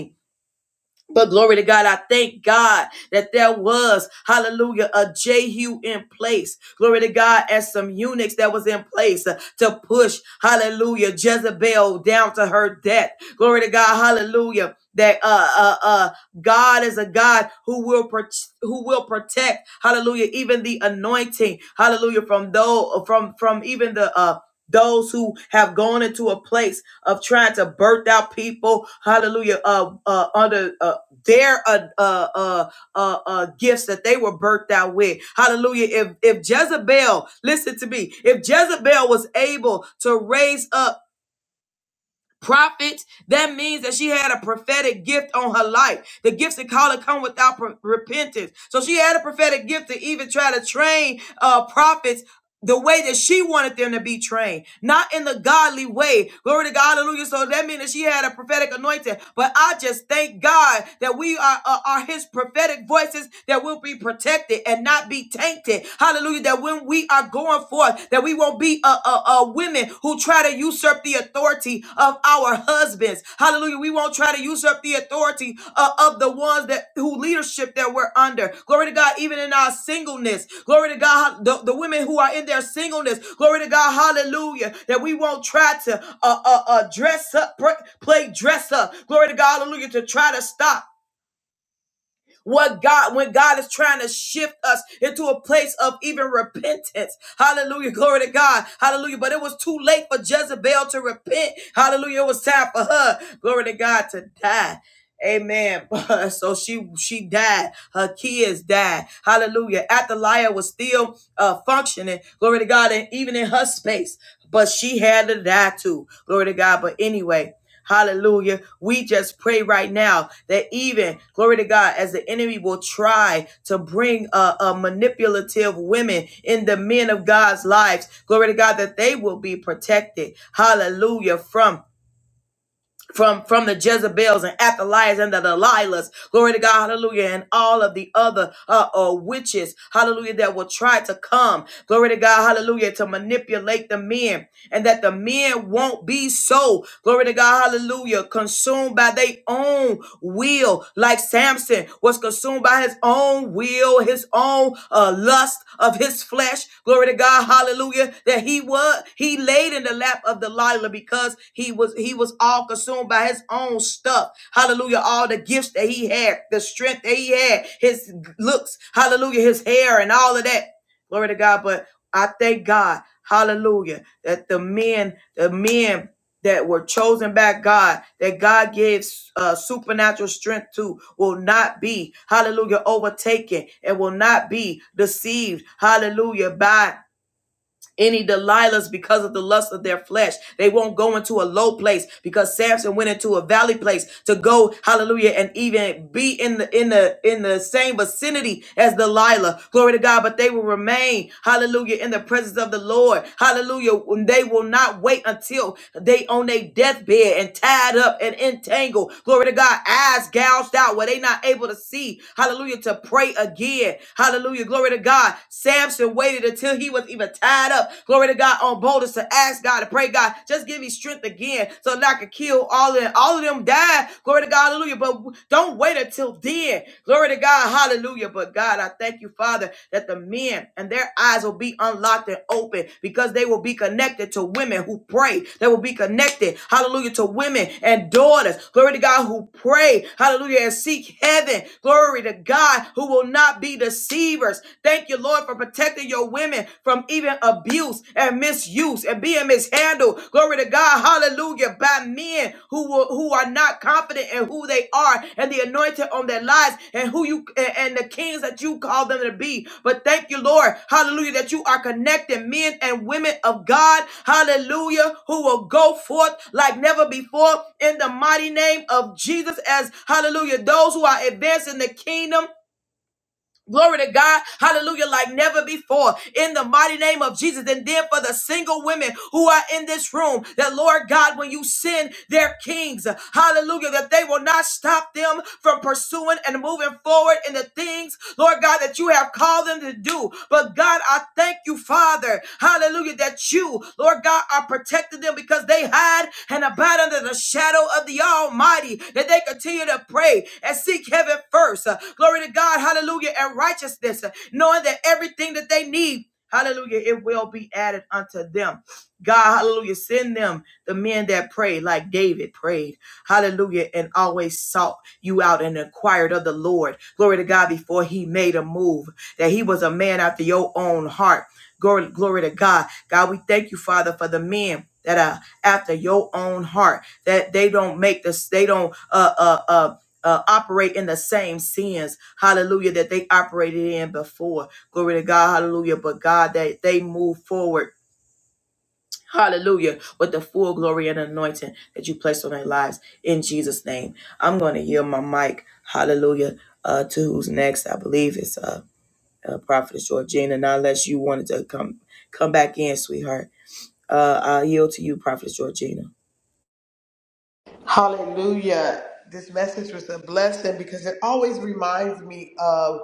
Speaker 2: But glory to God, I thank God that there was, hallelujah, a Jehu in place. Glory to God, and some eunuchs that was in place uh, to push, hallelujah, Jezebel down to her death. Glory to God, hallelujah. That uh uh uh God is a God who will pro- who will protect, hallelujah, even the anointing, hallelujah, from those from from even the uh those who have gone into a place of trying to birth out people, hallelujah, uh, uh, under uh, their uh, uh, uh, uh, uh, gifts that they were birthed out with. Hallelujah. If, if Jezebel, listen to me, if Jezebel was able to raise up prophets. That means that she had a prophetic gift on her life. The gifts that call it come without pro- repentance. So she had a prophetic gift to even try to train uh, prophets the way that she wanted them to be trained, not in the godly way. Glory to God, hallelujah. So that means that she had a prophetic anointing. But I just thank God that we are, are, are his prophetic voices that will be protected and not be tainted. Hallelujah. That when we are going forth, that we won't be uh, uh, uh, women who try to usurp the authority authority of our husbands. Hallelujah. We won't try to usurp the authority uh, of the ones that who leadership that we're under. Glory to God, even in our singleness. Glory to God, the, the women who are in their singleness. Glory to God, hallelujah, that we won't try to uh, uh, uh, dress up, play dress up. Glory to God, hallelujah, to try to stop. What God, when God is trying to shift us into a place of even repentance. Hallelujah. Glory to God. Hallelujah. But it was too late for Jezebel to repent. Hallelujah. It was time for her. Glory to God to die. Amen. So she she died. Her kids died. Hallelujah. Athaliah was still uh, functioning. Glory to God. And even in her space. But she had to die too. Glory to God. But anyway. Hallelujah. We just pray right now that even, glory to God, as the enemy will try to bring a a manipulative women in the men of God's lives, glory to God, that they will be protected. Hallelujah. From from from the Jezebels and Athaliahs and the Delilahs, glory to God, hallelujah, and all of the other uh, uh witches, hallelujah, that will try to come, glory to God, hallelujah, to manipulate the men, and that the men won't be so, glory to God, hallelujah, consumed by their own will, like Samson serpent was consumed by his own will, his own uh, lust of his flesh. Glory to God, hallelujah. That he was he laid in the lap of Delilah because he was he was all consumed by his own stuff. Hallelujah. All the gifts that he had, the strength that he had, his looks, hallelujah, his hair and all of that. Glory to God. But I thank God, hallelujah, that the men, the men that were chosen by God, that God gives uh, supernatural strength to, will not be, hallelujah, overtaken and will not be deceived, hallelujah, by any Delilahs because of the lust of their flesh. They won't go into a low place because Samson went into a valley place to go, hallelujah, and even be in the in the in the same vicinity as Delilah. Glory to God. But they will remain, hallelujah, in the presence of the Lord. Hallelujah. When They will not wait until they on their deathbed and tied up and entangled. Glory to God, eyes gouged out where they not able to see. Hallelujah. To pray again. Hallelujah. Glory to God. Samson and waited until he was even tied up. Glory to God on boldness to ask God to pray, God, just give me strength again so that I could kill all of them. All of them died. Glory to God, hallelujah. But don't wait until then. Glory to God, hallelujah. But God, I thank you, Father, that the men and their eyes will be unlocked and open because they will be connected to women who pray. They will be connected, hallelujah, to women and daughters. Glory to God who pray, hallelujah, and seek heaven. Glory to God who will not be deceived believers. Thank you, Lord, for protecting your women from even abuse and misuse and being mishandled. Glory to God, hallelujah, by men who will, who are not confident in who they are and the anointing on their lives and who you and and the kings that you call them to be. But thank you, Lord, hallelujah, that you are connecting men and women of God, hallelujah, who will go forth like never before in the mighty name of Jesus as hallelujah, those who are advancing the kingdom Glory to God. Hallelujah. Like never before. In the mighty name of Jesus. And then for the single women who are in this room, that Lord God, when you send their kings, hallelujah, that they will not stop them from pursuing and moving forward in the things Lord God, that you have called them to do. But God, I thank you, Father, hallelujah, that you, Lord God, are protecting them because they hide and abide under the shadow of the Almighty, that they continue to pray and seek heaven first. Uh, glory to God, hallelujah, and righteousness, uh, knowing that everything that they need. Hallelujah, it will be added unto them. God, hallelujah, send them the men that pray like David prayed. Hallelujah, and always sought you out and inquired of the Lord. Glory to God before he made a move, that he was a man after your own heart. Glory, glory to God. God, we thank you, Father, for the men that are after your own heart, that they don't make this, they don't, uh, uh, uh, uh, operate in the same sins, hallelujah, that they operated in before. Glory to God, hallelujah. But God, that they move forward Hallelujah. With the full glory and anointing that you placed on their lives in Jesus' name. I'm going to yield my mic. Hallelujah. Uh, to who's next? I believe it's uh, uh Prophetess Georgina. Now, unless you wanted to come come back in, sweetheart. Uh, I'll yield to you, Prophetess Georgina.
Speaker 3: Hallelujah. This message was a blessing because it always reminds me of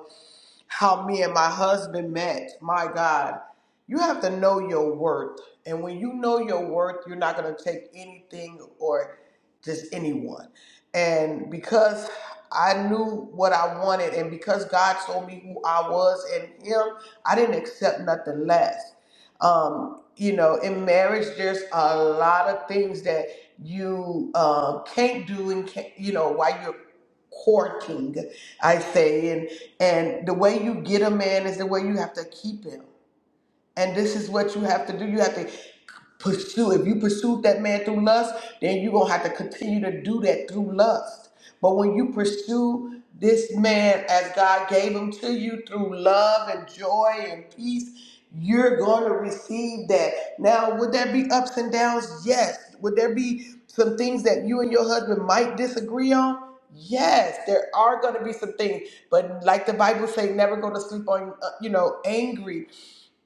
Speaker 3: how me and my husband met. My God, you have to know your worth. And when you know your worth, you're not going to take anything or just anyone. And because I knew what I wanted, and because God told me who I was in Him, I didn't accept nothing less. Um, you know, in marriage, there's a lot of things that you uh, can't do, and can't, you know, while you're courting, I say. And the way you get a man is the way you have to keep him. And this is what you have to do. You have to pursue. If you pursued that man through lust, then you're going to have to continue to do that through lust. But when you pursue this man as God gave him to you through love and joy and peace, you're going to receive that. Now, would there be ups and downs? Yes. Would there be some things that you and your husband might disagree on? Yes, there are going to be some things, but like the Bible say, never go to sleep on, uh, you know, angry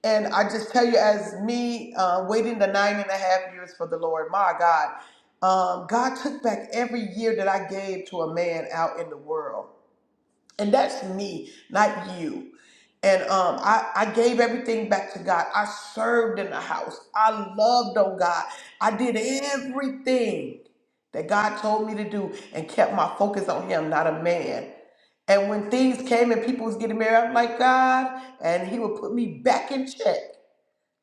Speaker 3: and I just tell you, as me uh, waiting the nine and a half years for the Lord, my God, um, God took back every year that I gave to a man out in the world. And that's me, not you. And um, I, I gave everything back to God. I served in the house. I loved on God. I did everything that God told me to do and kept my focus on Him, not a man. And when things came and people was getting married, I'm like, God, and He would put me back in check.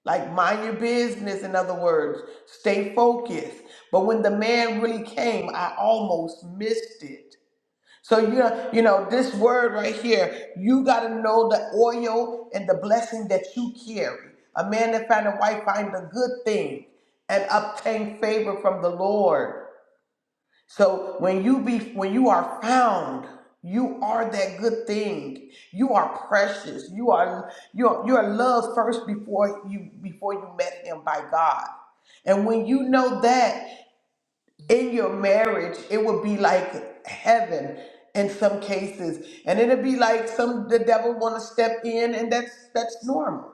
Speaker 3: Like, mind your business, in other words, stay focused. But when the man really came, I almost missed it. So, you know, you know this word right here, you got to know the oil and the blessing that you carry. A man that find a wife find a good thing and obtain favor from the Lord. So when you be when you are found, you are that good thing. You are precious. You are you are, you are loved first before you before you met him by God. And when you know that in your marriage, it would be like heaven in some cases. And it'll be like some the devil wanna step in and that's that's normal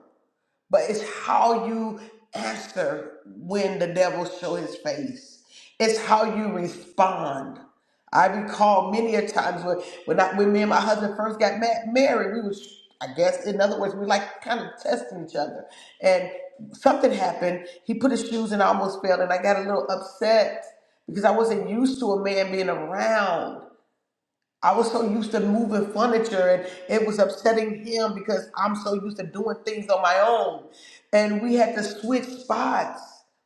Speaker 3: but it's how you answer when the devil show his face. It's how you respond. I recall many a times when when, I, when me and my husband first got ma- married, we was I guess in other words we like kind of testing each other, and something happened. He put his shoes and I almost fell, and I got a little upset because I wasn't used to a man being around. I was so used to moving furniture and it was upsetting him because I'm so used to doing things on my own. And we had to switch spots.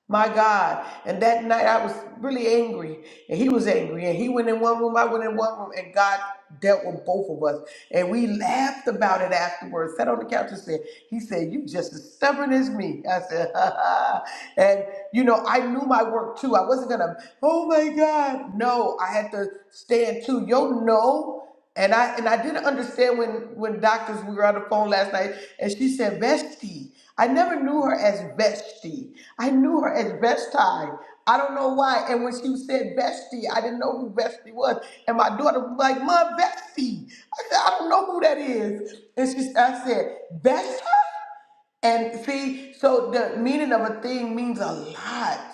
Speaker 3: My God. And that night I was really angry and he was angry and he went in one room, I went in one room and God dealt with both of us. And we laughed about it afterwards, sat on the couch and said, he said, you just as stubborn as me. I said, ha ha. And you know, I knew my work too. I wasn't gonna, oh my God. No, I had to stand too. Yo no. And I and I didn't understand when when doctors we were on the phone last night and she said Vesti. I never knew her as Vesti. I knew her as Vesti. I don't know why. And when she said Vesti, I didn't know who Vesti was. And my daughter was like, Mom, Vesti. I said, I don't know who that is. And she I said, Vesta? And see, so the meaning of a thing means a lot.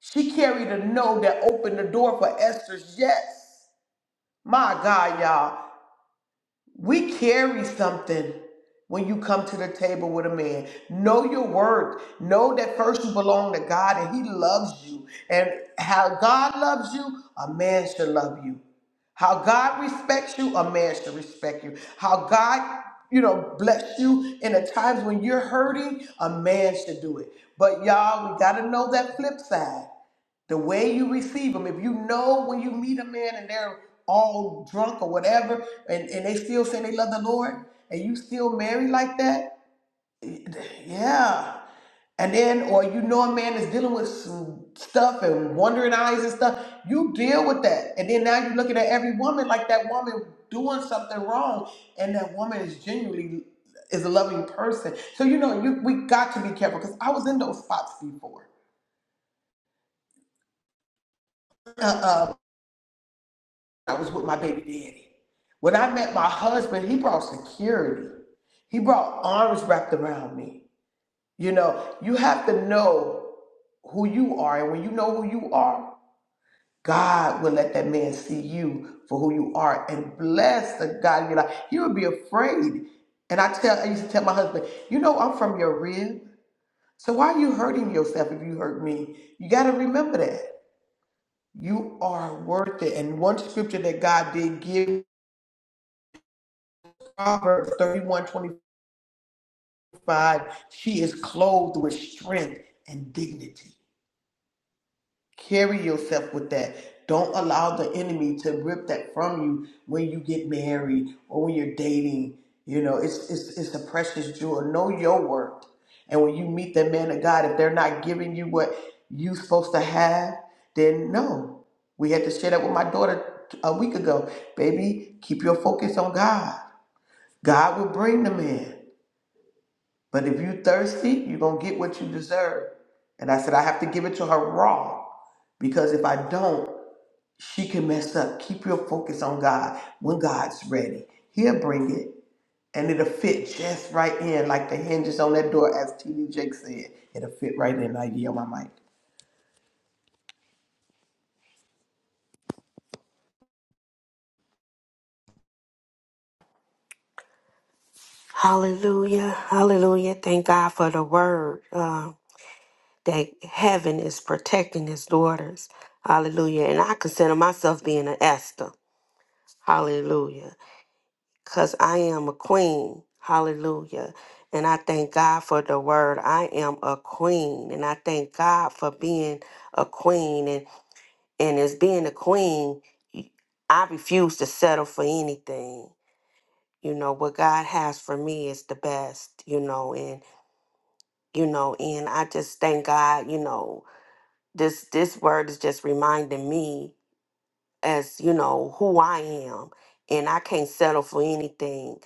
Speaker 3: She carried a no that opened the door for Esther's yes. My God, y'all. We carry something when you come to the table with a man. Know your worth. Know that first you belong to God and He loves you. And how God loves you, a man should love you. How God respects you, a man should respect you. How God, you know, bless you in the times when you're hurting, a man should do it. But y'all, we got to know that flip side the way you receive them. If you know when you meet a man and they're all drunk or whatever, and, and they still say they love the Lord, and you still marry like that, yeah. And then, or you know a man is dealing with some stuff and wandering eyes and stuff, you deal with that. And then now you're looking at every woman like that woman doing something wrong, and that woman is genuinely is a loving person. So you know, you we got to be careful because I was in those spots before Uh, I was with my baby daddy. When I met my husband, he brought security. He brought arms wrapped around me. You know, you have to know who you are. And when you know who you are, God will let that man see you for who you are and bless the God in your life. You would be afraid. And I tell I used to tell my husband, you know, I'm from your rib. So why are you hurting yourself if you hurt me? You gotta remember that. You are worth it. And one scripture that God did give Proverbs 31 25. she is clothed with strength and dignity. Carry yourself with that. Don't allow the enemy to rip that from you when you get married or when you're dating. You know, it's it's it's a precious jewel. Know your worth. And when you meet the man of God, if they're not giving you what you are supposed to have, then no. We had to share that with my daughter a week ago. Baby, keep your focus on God. God will bring the man. But if you thirsty, you're gonna get what you deserve. And I said, I have to give it to her raw. Because if I don't, she can mess up. Keep your focus on God. When God's ready, He'll bring it. And it'll fit just right in, like the hinges on that door, as T.D. Jake said. It'll fit right in. I yield my mic.
Speaker 5: Hallelujah. Hallelujah. Thank God for the word uh, that heaven is protecting his daughters. Hallelujah. And I consider myself being an Esther. Hallelujah. Because I am a queen. Hallelujah. And I thank God for the word. I am a queen. And I thank God for being a queen. And, and as being a queen, I refuse to settle for anything. You know, what God has for me is the best, you know, you know and i just thank god you know this this word is just reminding me as you know who i am and i can't settle for anything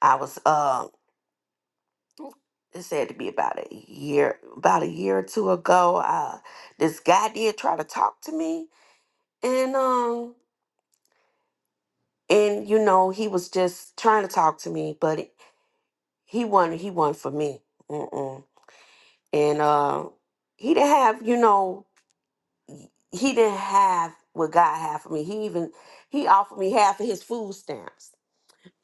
Speaker 5: i was um this had to be about a year about a year or two ago uh this guy did try to talk to me and um and you know he was just trying to talk to me but it- he wasn't he wasn't for me Mm-mm. and uh he didn't have you know he didn't have what God had for me. He even he offered me half of his food stamps.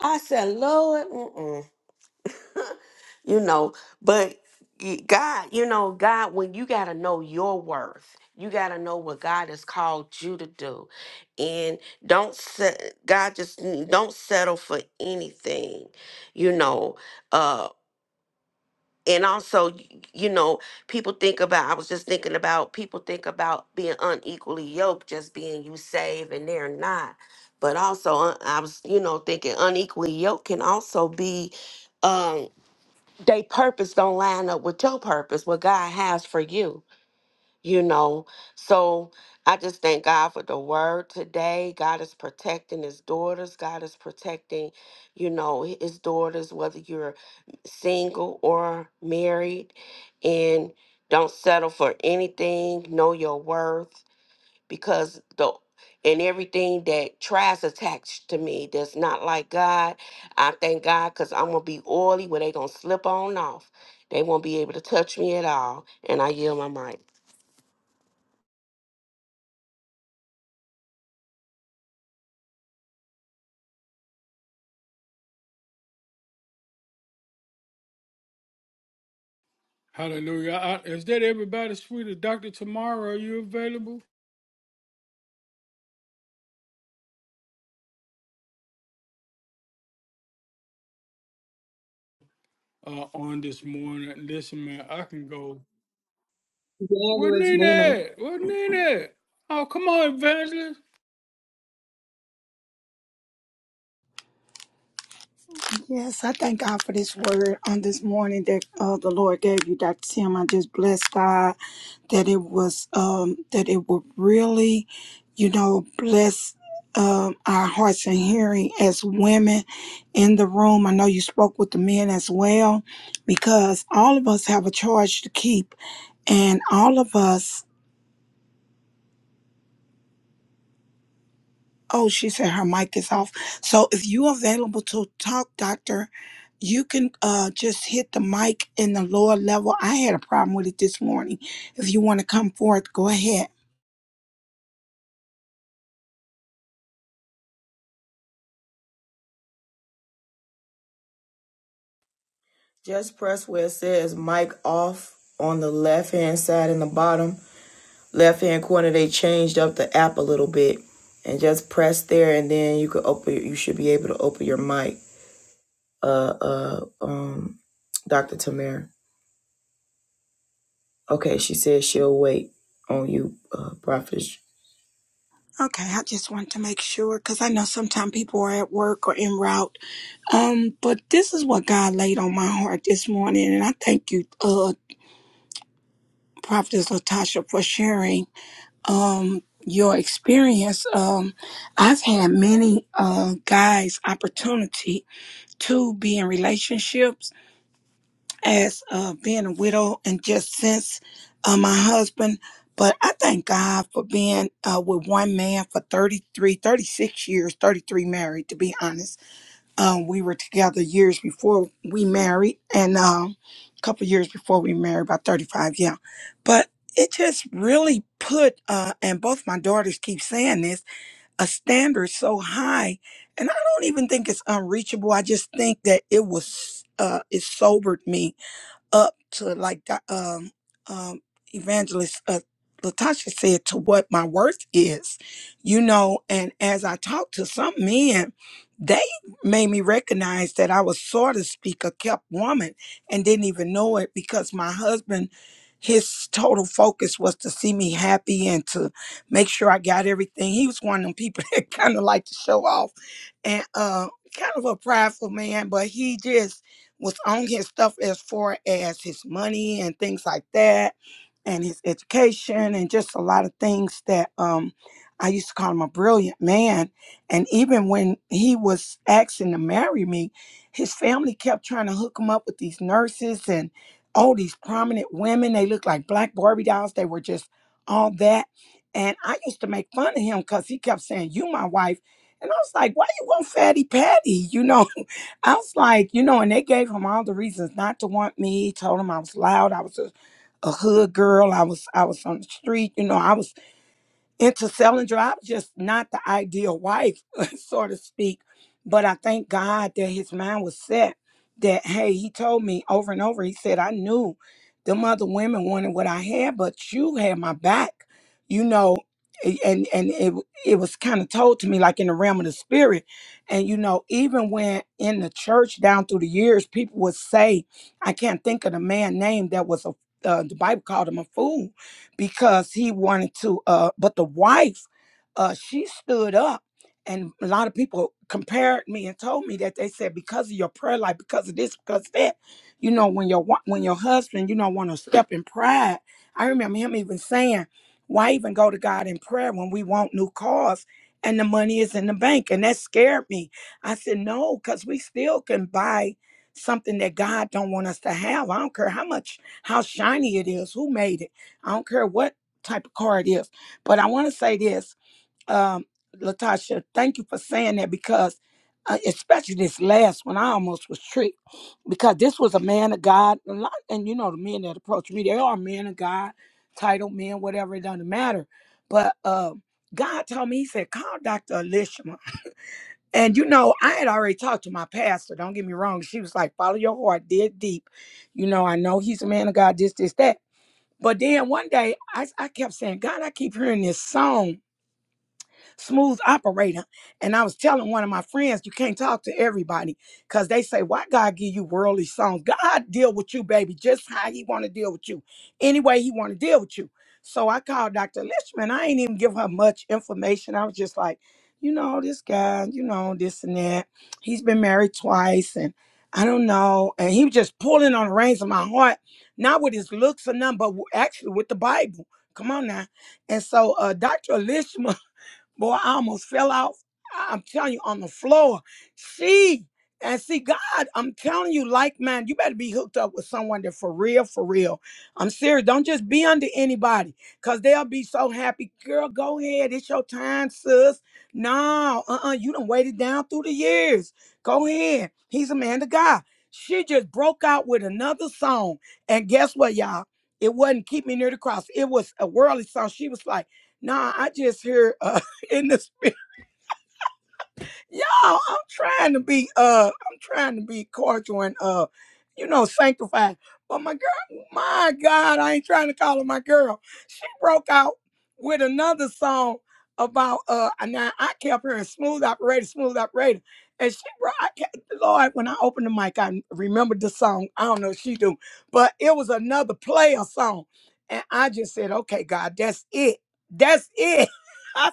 Speaker 5: I said, Lord, mm-mm. you know, but y- God, you know, God, when you gotta know your worth, you gotta know what God has called you to do, and don't set God just n- don't settle for anything, you know. uh, and also y- you know people think about i was just thinking about people think about being unequally yoked just being you save and they're not but also uh, i was you know thinking unequally yoked can also be um they purpose don't line up with your purpose what god has for you you know so i just thank god for the word today god is protecting his daughters god is protecting you know his daughters whether you're single or married and don't settle for anything know your worth because the and everything that tries attached to me that's not like god i thank god because i'm gonna be oily where they gonna slip on off they won't be able to touch me at all and i yield my mic
Speaker 1: Hallelujah. I, is that everybody, sweetie? Dr. Tamara, are you available uh, on this morning? Listen, man, I can go. What
Speaker 2: Evangelist
Speaker 1: Nina
Speaker 2: Nina.
Speaker 1: at? What Nina at? Oh, come on, Evangelist.
Speaker 4: Yes, I thank God for this word on this morning that uh, the Lord gave you, Dr. Tim. I just bless God that it was um, that it would really, you know, bless um, our hearts and hearing as women in the room. I know you spoke with the men as well, because all of us have a charge to keep. And all of us, oh, she said her mic is off. So if you available to talk, doctor, you can uh, just hit the mic in the lower level. I had a problem with it this morning. If you want to come forth, go ahead.
Speaker 2: Just press where it says mic off on the left hand side in the bottom left hand corner. They changed up the app a little bit, and just press there, and then you could open. You should be able to open your mic. uh, uh, um, Dr. Tamir. Okay, she says she'll wait on you, uh, Prophet.
Speaker 4: Okay, I just want to make sure because I know sometimes people are at work or en route. Um, but this is what God laid on my heart this morning, and I thank you, uh, Prophetess Latasha, for sharing. um your experience um i've had many uh guys opportunity to be in relationships as uh being a widow and just since uh, my husband but i thank god for being uh with one man for 33, 36 years 33 married to be honest um, we were together years before we married and um, a couple years before we married about 35 yeah but it just really put uh, and both my daughters keep saying this a standard so high and i don't even think it's unreachable i just think that it was uh, it sobered me up to like the um um evangelist uh, latasha said to what my worth is you know and as i talked to some men they made me recognize that i was sort of speak a kept woman and didn't even know it because my husband his total focus was to see me happy and to make sure I got everything. He was one of them people that kind of like to show off and uh, kind of a prideful man, but he just was on his stuff as far as his money and things like that and his education and just a lot of things that um I used to call him a brilliant man. And even when he was asking to marry me, his family kept trying to hook him up with these nurses and all these prominent women. They looked like black Barbie dolls. They were just all that. And I used to make fun of him because he kept saying, You my wife. And I was like, Why you want Fatty Patty? You know, I was like, you know, and they gave him all the reasons not to want me. Told him I was loud. I was a, a hood girl. I was I was on the street. You know, I was into selling drop, just not the ideal wife, so to speak. But I thank God that his mind was set that, hey, he told me over and over, he said, I knew them other women wanted what I had, but you had my back, you know. a- And and it it was kind of told to me like in the realm of the spirit, and you know even when in the church down through the years people would say, I can't think of the man name that was a uh, the Bible called him a fool, because he wanted to uh but the wife uh she stood up and a lot of people compared me and told me that they said because of your prayer life because of this because of that you know when your wa- when your husband you don't want to step in pride i remember him even saying why even go to god in prayer when we want new cars and the money is in the bank and that scared me i said no because we still can buy something that god don't want us to have i don't care how much how shiny it is who made it I don't care what type of car it is. But I want to say this, um, Latasha, thank you for saying that because, uh, especially this last one, I almost was tricked because this was a man of God. A lot, and you know, the men that approach me, they are men of God, titled men, whatever, it doesn't matter. But uh, God told me, He said, call Dr. Elishma. And you know, I had already talked to my pastor. Don't get me wrong. She was like, follow your heart, dig deep. You know, I know he's a man of God, this, this, that. But then one day I, I kept saying, God, I keep hearing this song smooth operator. And I was telling one of my friends, you can't talk to everybody because they say, why God give you worldly songs? God deal with you, baby, just how he want to deal with you, any way he want to deal with you. So I called Dr. Lishman. I ain't even give her much information. I was just like, you know, this guy, you know, this and that. He's been married twice and I don't know. And he was just pulling on the reins of my heart, not with his looks or nothing, but w- actually with the Bible. Come on now. And so uh, Dr. Lishman Boy, I almost fell out. I'm telling you, on the floor. See, and see, God, I'm telling you, like man, you better be hooked up with someone that for real, for real. I'm serious. Don't just be under anybody, cause they'll be so happy. Girl, go ahead. It's your time, sis. No, uh-uh. You done waited down through the years. Go ahead. He's a man to God. She just broke out with another song. And guess what, y'all? It wasn't Keep Me Near the Cross. It was a worldly song. She was like, nah, I just hear uh, in this y'all i'm trying to be uh i'm trying to be cordial and uh you know sanctified but my girl my god i ain't trying to call her my girl she broke out with another song about uh and now i kept her in smooth operator smooth operator and she brought I kept, lord when i opened the mic i remembered the song i don't know if she do but it was another player song and i just said okay god that's it that's it I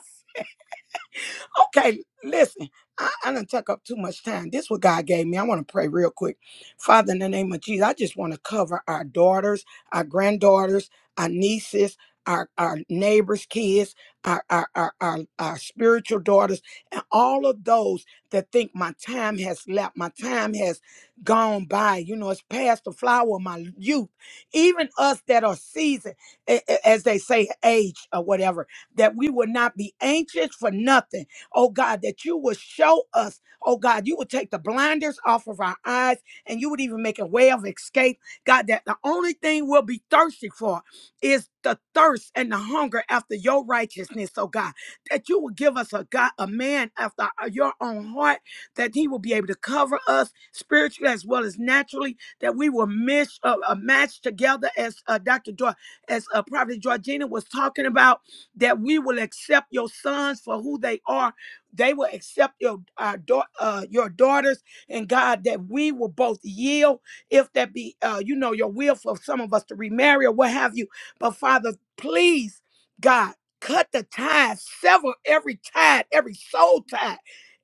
Speaker 4: Okay, listen, I, I didn't take up too much time. This what God gave me. I want to pray real quick. Father, in the name of Jesus, I just want to cover our daughters, our granddaughters, our nieces, our, our neighbors' kids, our, our, our, our, our spiritual daughters, and all of those that think my time has left, my time has gone by. You know, it's past the flower of my youth. Even us that are seasoned, a- a- as they say, age or whatever, that we will not be anxious for nothing oh God, that you would show us, oh God, you would take the blinders off of our eyes and you would even make a way of escape. God, that the only thing we'll be thirsty for is the thirst and the hunger after your righteousness, oh God, that you will give us a God, a man after uh, your own heart, that he will be able to cover us spiritually as well as naturally, that we will mish, uh, uh, match together as uh, Dr. Joy, as uh, Prophet Georgina was talking about, that we will accept your sons for who they are they will accept your our dau- uh, your daughters, and God, that we will both yield, if that be, uh, you know, your will for some of us to remarry or what have you. But Father, please, God, cut the ties, sever every tie, every soul tie.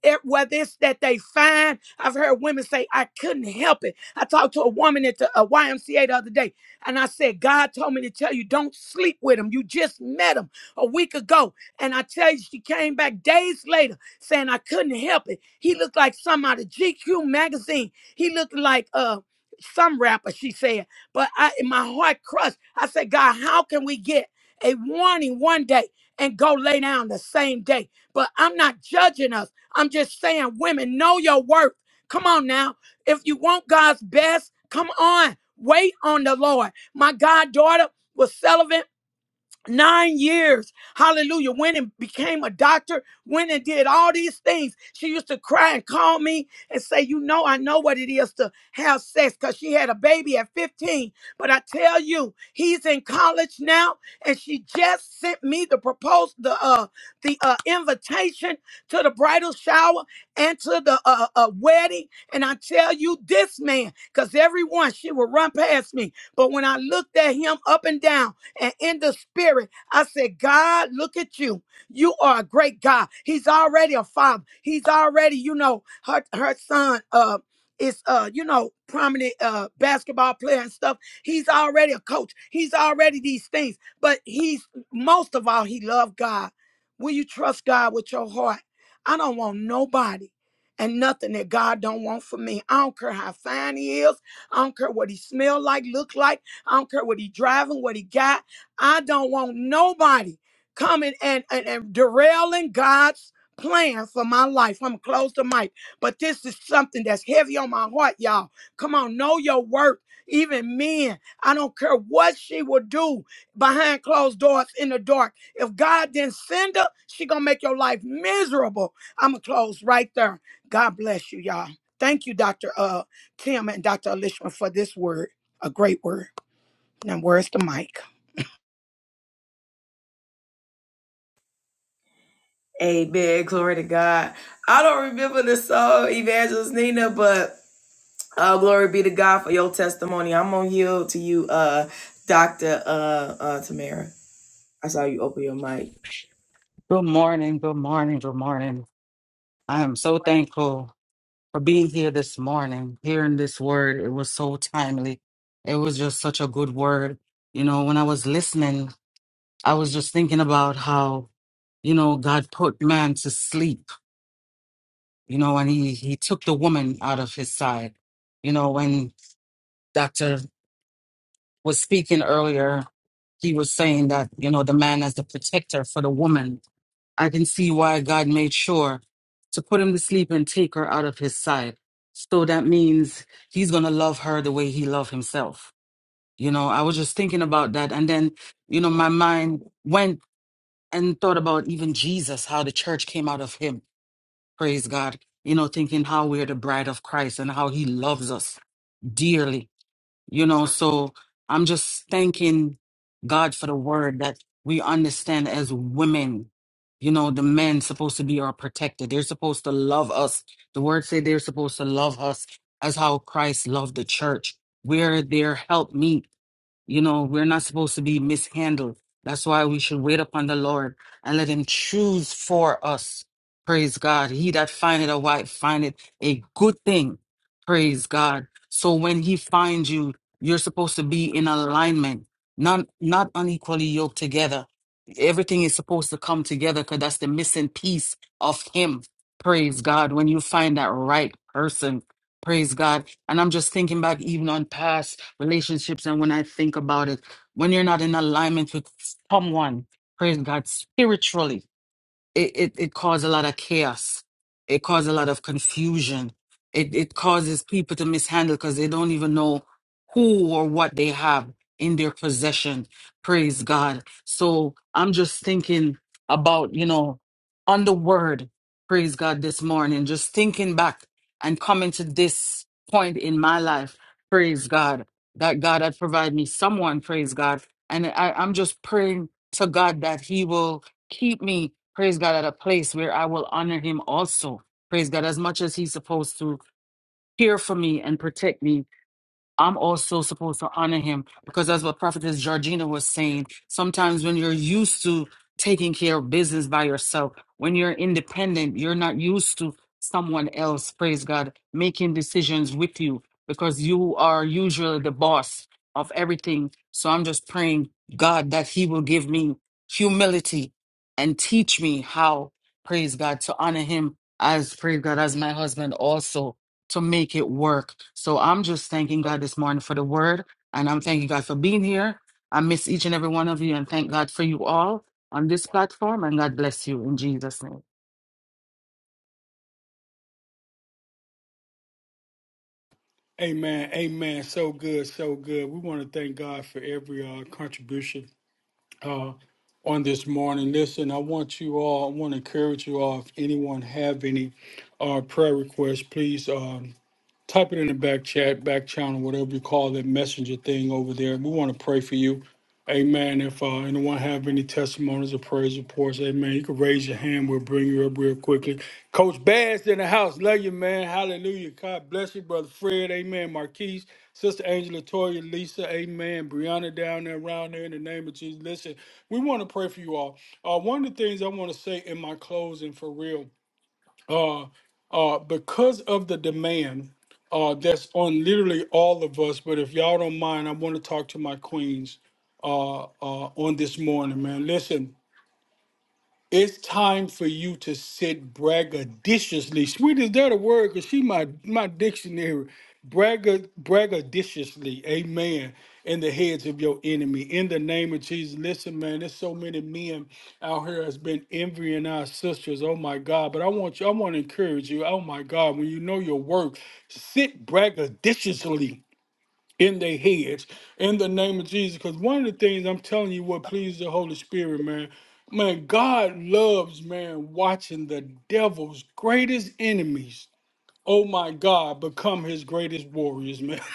Speaker 4: It, whether it's that they find, I've heard women say, I couldn't help it. I talked to a woman at the, a YMCA the other day. And I said, God told me to tell you, don't sleep with him. You just met him a week ago. And I tell you, she came back days later saying I couldn't help it. He looked like some out of GQ magazine. He looked like uh some rapper, she said. But I my heart crushed. I said, God, how can we get a warning one day and go lay down the same day? But I'm not judging us. I'm just saying, women, know your worth. Come on now. If you want God's best, come on. Wait on the Lord. My goddaughter was celibate nine years. Hallelujah. Went and became a doctor, went and did all these things. She used to cry and call me and say, You know, I know what it is to have sex because she had a baby at 15. But I tell you, he's in college now, and she just sent me the proposal, the uh the uh invitation to the bridal shower and to the uh, uh wedding. And I tell you, this man, because everyone she would run past me. But when I looked at him up and down, and in the spirit. I said, God, look at you. You are a great God. He's already a father. He's already, you know, her her son uh is uh, you know, prominent uh basketball player and stuff. He's already a coach. He's already these things. But he's most of all, he loved God. Will you trust God with your heart? I don't want nobody and nothing that God don't want for me. I don't care how fine he is. I don't care what he smell like, look like. I don't care what he driving, what he got. I don't want nobody coming and, and, and derailing God's plan for my life. I'm close to mic, but this is something that's heavy on my heart, y'all. Come on, know your worth. Even men, I don't care what she will do behind closed doors in the dark. If God didn't send her, she gonna make your life miserable. I'ma close right there. God bless you, y'all. Thank you, Dr. Uh, Tim and Dr. Alishma for this word. A great word. Now where's the mic?
Speaker 2: Amen. Glory to God. I don't remember the song, Evangelist Nina, but uh, glory be to God for your testimony. I'm going to yield to you, uh, Dr. Uh, uh, Tamara. I saw you open your mic.
Speaker 6: Good morning, good morning, good morning. I am so thankful for being here this morning, hearing this word. It was so timely. It was just such a good word. You know, when I was listening, I was just thinking about how, you know, God put man to sleep, you know, and he, he took the woman out of his side. You know, when Dr. was speaking earlier, he was saying that, you know, the man as the protector for the woman I can see why God made sure to put him to sleep and take her out of his side. So that means he's going to love her the way he loved himself. You know, I was just thinking about that. And then, you know, my mind went and thought about even Jesus, how the church came out of him. Praise God. You know, thinking how we're the bride of Christ and how he loves us dearly you know so i'm just thanking god for the word that we understand as women you know the men supposed to be our protector they're supposed to love us the word say they're supposed to love us as how christ loved the church we're their helpmeet. You know, we're not supposed to be mishandled. That's why we should wait upon the Lord and let Him choose for us. Praise God. He that findeth a wife findeth a good thing. Praise God. So when He finds you, you're supposed to be in alignment, not not unequally yoked together. Everything is supposed to come together because that's the missing piece of Him. Praise God. When you find that right person, praise God. And I'm just thinking back even on past relationships and when I think about it, when you're not in alignment with someone, praise God, spiritually it, it, it caused a lot of chaos. It caused a lot of confusion. It, it causes people to mishandle because they don't even know who or what they have in their possession. Praise God. So I'm just thinking about, you know, on the word, praise God, this morning, just thinking back and coming to this point in my life. Praise God. That God had provided me someone, praise God. And I, I'm just praying to God that He will keep me, praise God, at a place where I will honor him also. Praise God, as much as he's supposed to care for me and protect me. I'm also supposed to honor him because that's what Prophetess Georgina was saying. Sometimes when you're used to taking care of business by yourself, when you're independent, you're not used to someone else, praise God, making decisions with you because you are usually the boss of everything. So I'm just praying, God, that He will give me humility and teach me how, praise God, to honor Him as, praise God, as my husband also to make it work. So I'm just thanking God this morning for the word. And I'm thanking God for being here. I miss each and every one of you and thank God for you all on this platform. And God bless you in Jesus' name.
Speaker 1: Amen. Amen. So good. So good. We want to thank God for every uh, contribution uh, on this morning. Listen, I want you all, I want to encourage you all, if anyone have any uh, prayer requests, please. uh, type it in the back chat, back channel, whatever you call that messenger thing over there. We want to pray for you. Amen. If uh, anyone have any testimonies or praise reports, amen, you can raise your hand. We'll bring you up real quickly. Coach Bass in the house. Love you, man. Hallelujah. God bless you, Brother Fred. Amen. Marquise, Sister Angela, Toya, Lisa. Amen. Brianna down there, around there in the name of Jesus. Listen, we want to pray for you all. Uh, one of the things I want to say in my closing for real uh, uh, because of the demand uh, that's on literally all of us. But if y'all don't mind, I want to talk to my queens uh, uh, on this morning, man. Listen, it's time for you to sit braggadociously. Sweet is that a word? Cause she my my dictionary. Braggad braggadociously, amen. In the heads of your enemy. In the name of Jesus. Listen, man, there's so many men out here has been envying our sisters. Oh my God. But I want you, I want to encourage you. Oh my God. When you know your work, sit braggadociously in their heads in the name of Jesus. Because one of the things I'm telling you what pleases the Holy Spirit, man, man, God loves, man, watching the devil's greatest enemies. Oh my God, become his greatest warriors, man.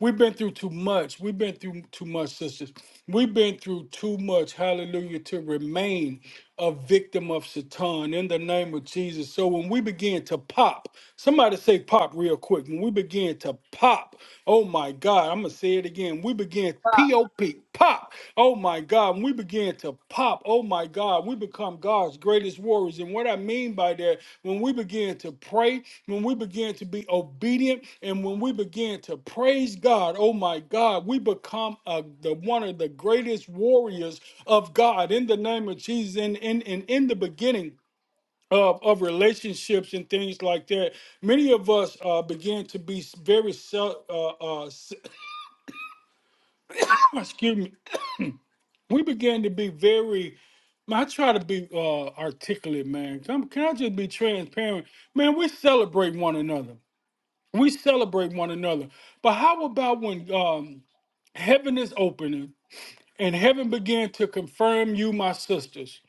Speaker 1: We've been through too much. We've been through too much, sisters. We've been through too much, hallelujah, to remain a victim of Satan in the name of Jesus. So when we begin to pop, somebody say pop real quick. When we begin to pop, oh my God, I'm going to say it again. We begin P O P, pop. Oh my God, when we begin to pop, oh my God, we become God's Greatest warriors, and what I mean by that, when we begin to pray, when we begin to be obedient, and when we begin to praise God, oh my God, we become a, the one of the greatest warriors of God in the name of Jesus. In in in in the beginning of of relationships and things like that, many of us begin to be very. self, uh, uh, s- Excuse me. We begin to be very. Man, I try to be uh, articulate, man. Come- Can I just be transparent? Man, we celebrate one another. We celebrate one another. But how about when um, heaven is opening and heaven began to confirm you, my sisters?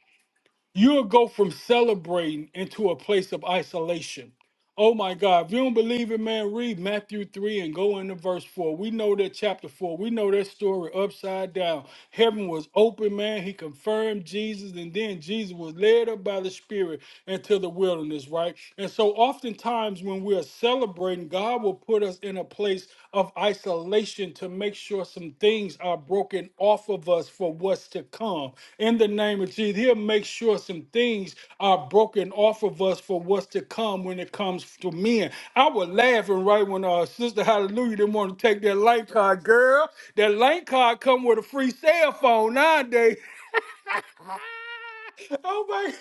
Speaker 1: You'll go from celebrating into a place of isolation. Oh my God. If you don't believe it, man, read Matthew 3 and go into verse 4. We know that chapter 4. We know that story upside down. Heaven was open, man. He confirmed Jesus, and then Jesus was led up by the Spirit into the wilderness, right? And so oftentimes when we are celebrating, God will put us in a place of isolation to make sure some things are broken off of us for what's to come. In the name of Jesus, he'll make sure some things are broken off of us for what's to come when it comes to men. I was laughing right when uh sister Hallelujah didn't want to take that light card, girl. That light card come with a free cell phone nowadays. Oh my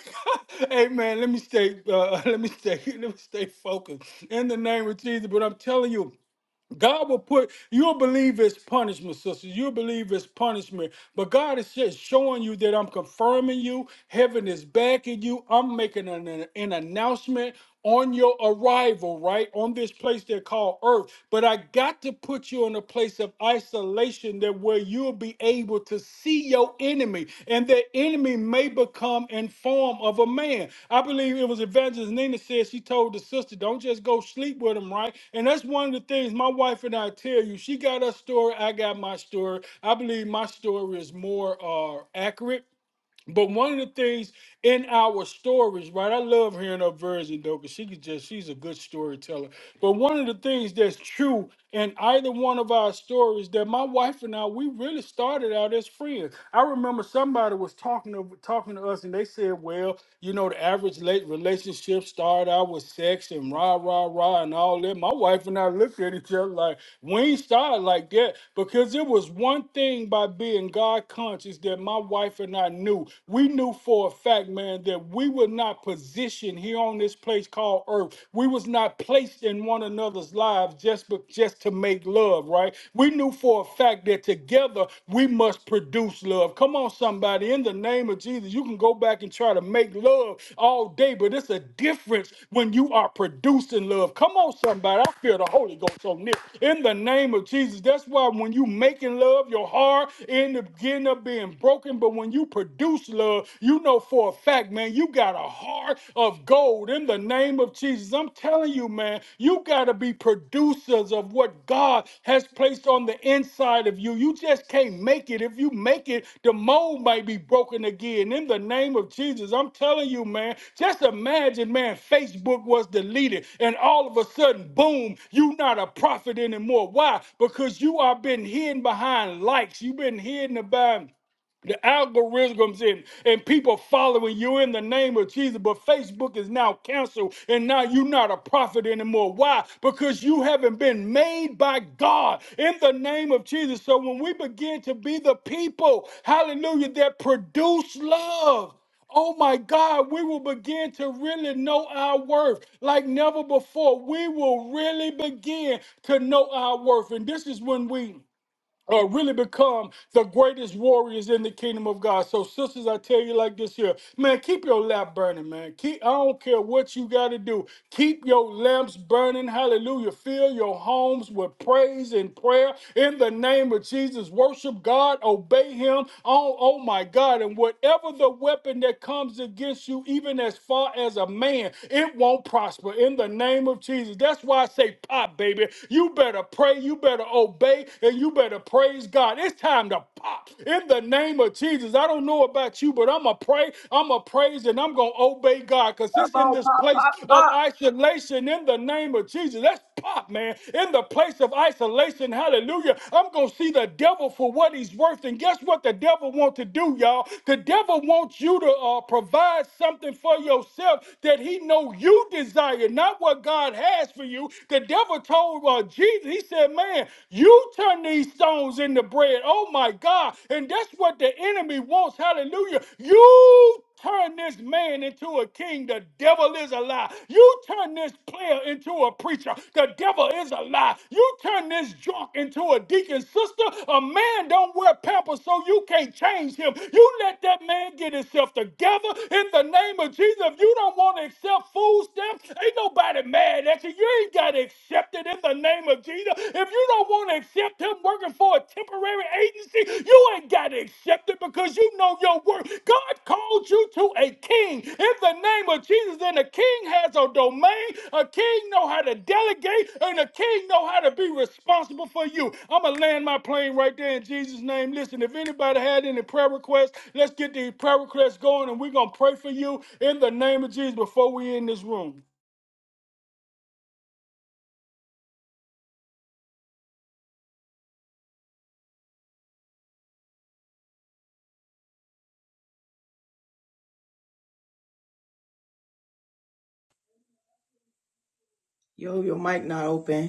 Speaker 1: God. Hey man, let me stay uh, let me stay let me stay focused in the name of Jesus. But I'm telling you. God will put, you'll believe it's punishment, sisters. You'll believe it's punishment. But God is just showing you that I'm confirming you. Heaven is backing you. I'm making an, an announcement on your arrival, right? On this place they call earth. But I got to put you in a place of isolation that where you'll be able to see your enemy, and that enemy may become in form of a man. I believe it was Evangelist Nina said she told the sister, "Don't just go sleep with him, right?" And that's one of the things my wife and I tell you. She got her story, I got my story. I believe my story is more uh, accurate but one of the things in our stories, right? I love hearing her version though, because she could just she's a good storyteller. But one of the things that's true in either one of our stories that my wife and I we really started out as friends. I remember somebody was talking to talking to us and they said, Well, you know, the average late relationship started out with sex and rah, rah, rah, and all that. My wife and I looked at each other like we ain't started like that because it was one thing by being God conscious that my wife and I knew. We knew for a fact, man, that we were not positioned here on this place called Earth. We was not placed in one another's lives just but just to make love, right? We knew for a fact that together we must produce love. Come on, somebody, in the name of Jesus either. You can go back and try to make love all day, but it's a difference when you are producing love. Come on, somebody. I feel the Holy Ghost on this. In the name of Jesus. That's why when you making love, your heart end up getting up being broken. But when you produce love, you know for a fact, man, you got a heart of gold in the name of Jesus. I'm telling you, man, you got got to be producers of what God has placed on the inside of you. You just can't make it. If you make it, the mold might be broken again. In the name of Jesus, I'm telling you, man, just imagine, man, Facebook was deleted and all of a sudden, boom, you're not a prophet anymore. Why? Because you are been hidden behind likes. You've been hidden behind the algorithms and, and people following you in the name of Jesus, but Facebook is now canceled and now you're not a prophet anymore. Why? Because you haven't been made by God in the name of Jesus. So when we begin to be the people, hallelujah, that produce love. Oh my God, we will begin to really know our worth like never before. We will really begin to know our worth. And this is when we uh, really become the greatest warriors in the kingdom of God. So, sisters, I tell you like this here, man, keep your lamp burning, man. Keep, I don't care what you got to do. Keep your lamps burning. Hallelujah. Fill your homes with praise and prayer in the name of Jesus. Worship God, obey Him. Oh, oh my God. And whatever the weapon that comes against you, even as far as a man, it won't prosper in the name of Jesus. That's why I say pop, baby. You better pray. You better better obey and you better praise God. It's time to pop in the name of Jesus. I don't know about you, but I'm going to pray, I'm going to praise, and I'm going to obey God because
Speaker 2: Come
Speaker 1: it's in
Speaker 2: on,
Speaker 1: this
Speaker 2: pop,
Speaker 1: place
Speaker 2: pop,
Speaker 1: of
Speaker 2: pop.
Speaker 1: isolation in the name of Jesus. Let's pop, man. In the place of isolation, hallelujah. I'm going to see the devil for what he's worth. And guess what the devil wants to do, y'all? The devil wants you to uh, provide something for yourself that he know you desire, not what God has for you. The devil told told uh, Jesus, he said, Man, you turn these stones into bread. Oh my God. And that's what the enemy wants. Hallelujah. You turn this man into a king. The devil is a lie. You turn this player into a preacher. The devil is a lie. You turn this drunk into a deacon. Sister, a man don't wear pampers, so you can't change him. You let that man get himself together in the name of Jesus. If you don't want to accept food stamps, ain't nobody mad at you blessing. You ain't got to accept it in the name of Jesus. If you don't want to accept him working for a temporary agency, you ain't got to accept it because you know your worth. God called you to a king in the name of Jesus. And a king has a domain. A king know how to delegate, and a king know how to be responsible for you. I'm gonna land my plane right there in Jesus' name. Listen, if anybody had any prayer requests, let's get these prayer requests going, and we're gonna pray for you in the name of Jesus before we end this room.
Speaker 2: Yo, your mic not open.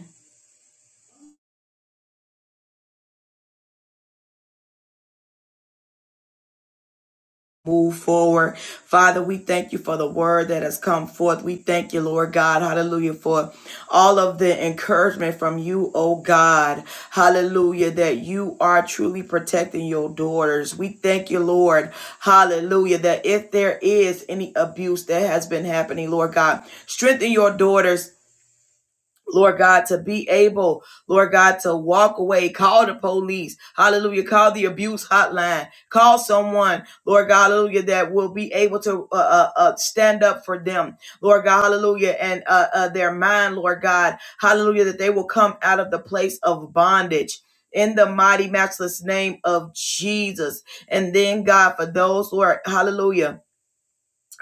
Speaker 2: move forward. Father, we thank you for the word that has come forth. We thank you, Lord God. Hallelujah. For all of the encouragement from you, oh God. Hallelujah. That you are truly protecting your daughters. We thank you, Lord. Hallelujah. That if there is any abuse that has been happening, Lord God, strengthen your daughters Lord God, to be able, Lord God, to walk away, call the police, hallelujah, call the abuse hotline, call someone, Lord God, hallelujah, that will be able to uh, uh, uh, stand up for them, Lord God, hallelujah, and uh, uh, their mind, Lord God, hallelujah, that they will come out of the place of bondage. In the mighty, matchless name of Jesus. And then, God, for those who are, hallelujah,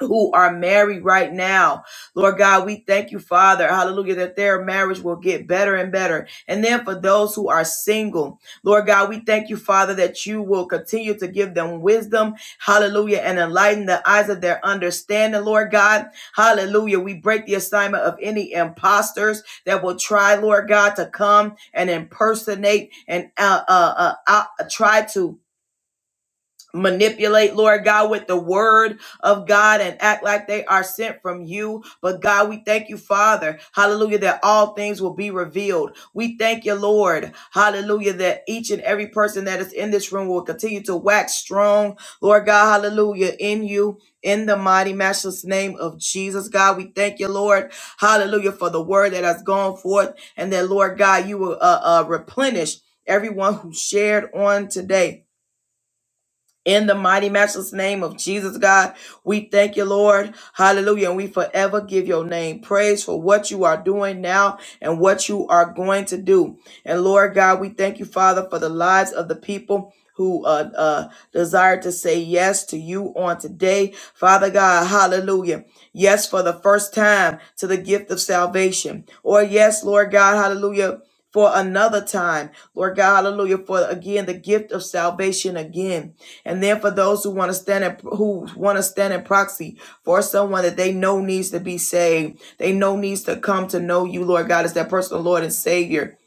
Speaker 2: who are married right now. Lord God, we thank you, Father. Hallelujah, that their marriage will get better and better. And then for those who are single, Lord God, we thank you, Father, that you will continue to give them wisdom. Hallelujah, and enlighten the eyes of their understanding, Lord God. Hallelujah. We break the assignment of any imposters that will try, Lord God, to come and impersonate and uh, uh, uh, uh, try to manipulate, Lord God, with the word of God and act like they are sent from you. But God, we thank you, Father, hallelujah, that all things will be revealed. We thank you, Lord, hallelujah, that each and every person that is in this room will continue to wax strong, Lord God, hallelujah, in you. In the mighty, matchless name of Jesus, God, we thank you, Lord. Hallelujah, for the word that has gone forth, and that, Lord God, you will uh, uh, replenish everyone who shared on today. In the mighty matchless name of Jesus, God, we thank you, Lord. Hallelujah. And we forever give your name praise for what you are doing now and what you are going to do. And Lord God, we thank you, Father, for the lives of the people who uh, uh, desire to say yes to you on today. Father God, hallelujah. Yes, for the first time to the gift of salvation. Or yes, Lord God, hallelujah. For another time, Lord God, hallelujah, for again the gift of salvation again. And then for those who want to stand in, who want to stand in proxy for someone that they know needs to be saved, they know needs to come to know you, Lord God, as their personal Lord and Savior.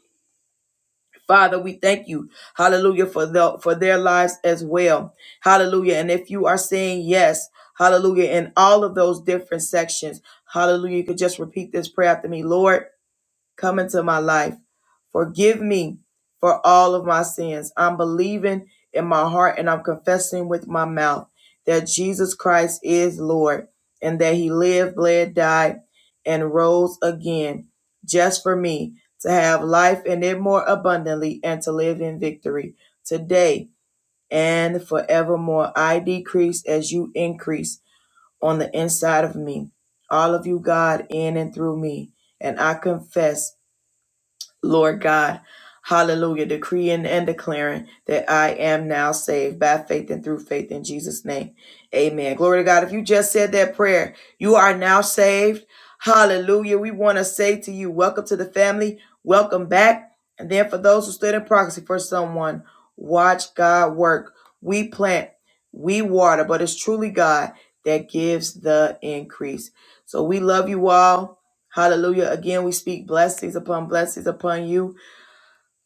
Speaker 2: Father, we thank you, Hallelujah, for the for their lives as well, Hallelujah. And if you are saying yes, Hallelujah, in all of those different sections, Hallelujah, you could just repeat this prayer after me, Lord. Come into my life. Forgive me for all of my sins. I'm believing in my heart and I'm confessing with my mouth that Jesus Christ is Lord and that he lived, bled, died, and rose again just for me to have life in it more abundantly and to live in victory today and forevermore. I decrease as you increase on the inside of me. All of you, God, in and through me. And I confess. Lord God, hallelujah, decreeing and declaring that I am now saved by faith and through faith in Jesus' name. Amen. Glory to God. If you just said that prayer, you are now saved. Hallelujah. We want to say to you, welcome to the family, welcome back. And then for those who stood in proxy for someone, watch God work. We plant, we water, but it's truly God that gives the increase. So we love you all. Hallelujah. Again, we speak blessings upon blessings upon you.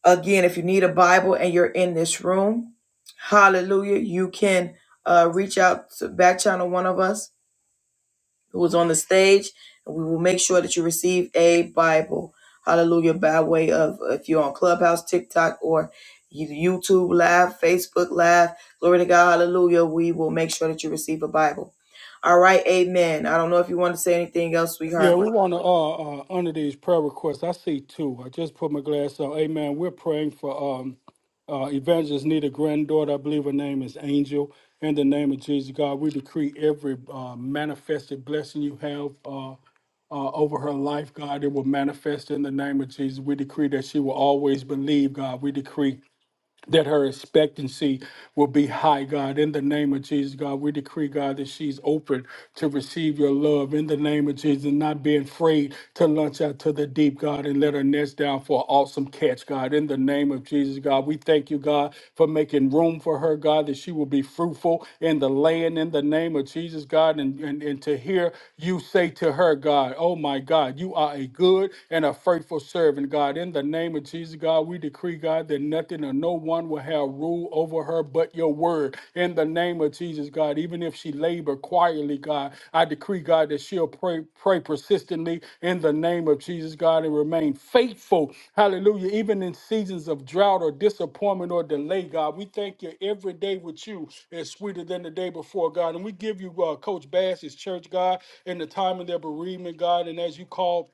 Speaker 2: Again, if you need a Bible and you're in this room, hallelujah, you can uh, reach out to back channel one of us who is on the stage, and we will make sure that you receive a Bible. Hallelujah. By way of if you're on Clubhouse, TikTok, or you- YouTube Live, Facebook Live, glory to God, hallelujah, we will make sure that you receive a Bible. All right, amen. I don't know if you want to say anything else,
Speaker 1: Yeah,
Speaker 2: sweetheart, but.
Speaker 1: we want to uh, uh, honor these prayer requests. I see two. I just put my glass on. Amen. We're praying for um, uh, Evangelist Nita granddaughter. I believe her name is Angel. In the name of Jesus, God, we decree every uh, manifested blessing you have uh, uh, over her life, God, it will manifest in the name of Jesus. We decree that she will always believe, God. We decree that her expectancy will be high, God. In the name of Jesus, God, we decree, God, that she's open to receive your love in the name of Jesus, and not being afraid to launch out to the deep, God, and let her nest down for an awesome catch, God. In the name of Jesus, God, we thank you, God, for making room for her, God, that she will be fruitful in the land in the name of Jesus, God, and, and, and to hear you say to her, God, oh my God, you are a good and a faithful servant, God. In the name name of Jesus, God, we decree, God, that nothing or no one will have rule over her but your word. In the name of Jesus, God, even if she labor quietly, God, I decree, God, that she'll pray, pray persistently in the name of Jesus, God, and remain faithful. Hallelujah. Even in seasons of drought or disappointment or delay, God, we thank you every day with you is sweeter than the day before, God. And we give you uh, Coach Bass's church, God, in the time of their bereavement, God, and as you call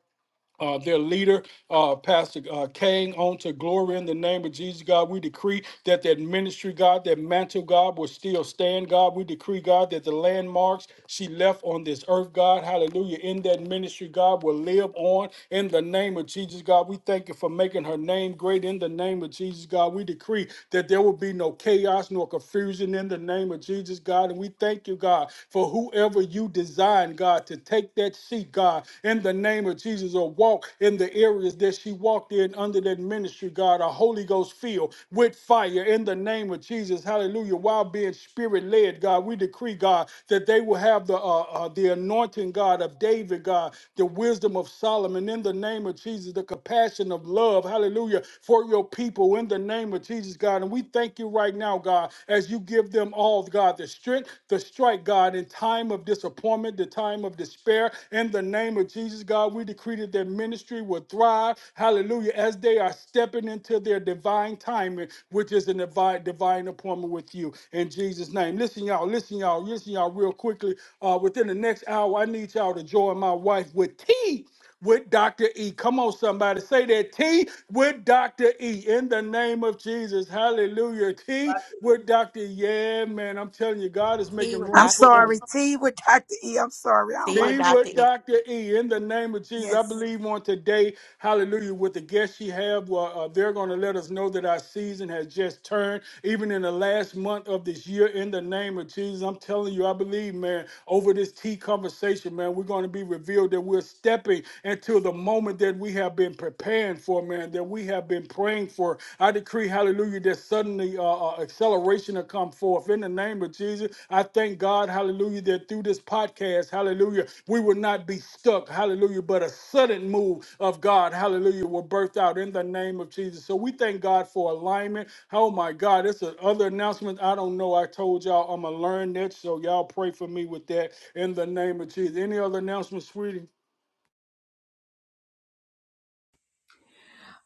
Speaker 1: uh, their leader, uh, Pastor uh, Kane, on to glory in the name of Jesus, God. We decree that that ministry, God, that mantle, God, will still stand, God. We decree, God, that the landmarks she left on this earth, God, hallelujah, in that ministry, God, will live on in the name of Jesus, God. We thank you for making her name great in the name of Jesus, God. We decree that there will be no chaos nor confusion in the name of Jesus, God. And we thank you, God, for whoever whoever you design, God, to take that seat, God, in the name of Jesus, or walk in the areas that she walked in under that ministry, God, a Holy Ghost filled with fire in the name of Jesus. Hallelujah. While being spirit led, God, we decree, God, that they will have the uh, uh, the anointing, God, of David, God, the wisdom of Solomon in the name of Jesus, the compassion of love, hallelujah, for your people in the name of Jesus. Jesus, God. And we thank you right now, God, as you give them all, God, the strength, the strike, God, in time of disappointment, the time of despair. In the name of Jesus, God, we decree that their ministry will thrive. Hallelujah. As they are stepping into their divine timing, which is a divine, divine appointment with you. In Jesus' name. Listen, y'all, listen, y'all, listen, y'all, real quickly. Uh, within the next hour, I need y'all to join my wife with tea with Dr. E. Come on, somebody. Say that T with Dr. E in the name of Jesus. Hallelujah. T with Dr. E. Yeah, man. I'm telling you, God is making
Speaker 4: I'm
Speaker 1: room for us.
Speaker 4: sorry, tea with Dr. E. I'm sorry. I don't like
Speaker 1: Team
Speaker 4: that.
Speaker 1: with Dr. E in the name of Jesus. I
Speaker 4: Yes.
Speaker 1: believe on today, hallelujah, with the guests she have, well, uh, they're going to let us know that our season has just turned, even in the last month of this year, in the name of Jesus. I'm telling you, I believe, man, over this tea conversation, man, we're going to be revealed that we're stepping into the moment that we have been preparing for, man, that we have been praying for. I decree, hallelujah, that suddenly uh, uh, acceleration will come forth in the name of Jesus. I thank God, hallelujah, that through this podcast, hallelujah, hallelujah, we will not be stuck, hallelujah, but a sudden move of God, hallelujah, will birth out in the name of Jesus. So we thank God for alignment. Oh my God, it's another announcement. I don't know. I told y'all I'm going to learn that, so y'all pray for me with that in the name of Jesus. Any other announcements, sweetie?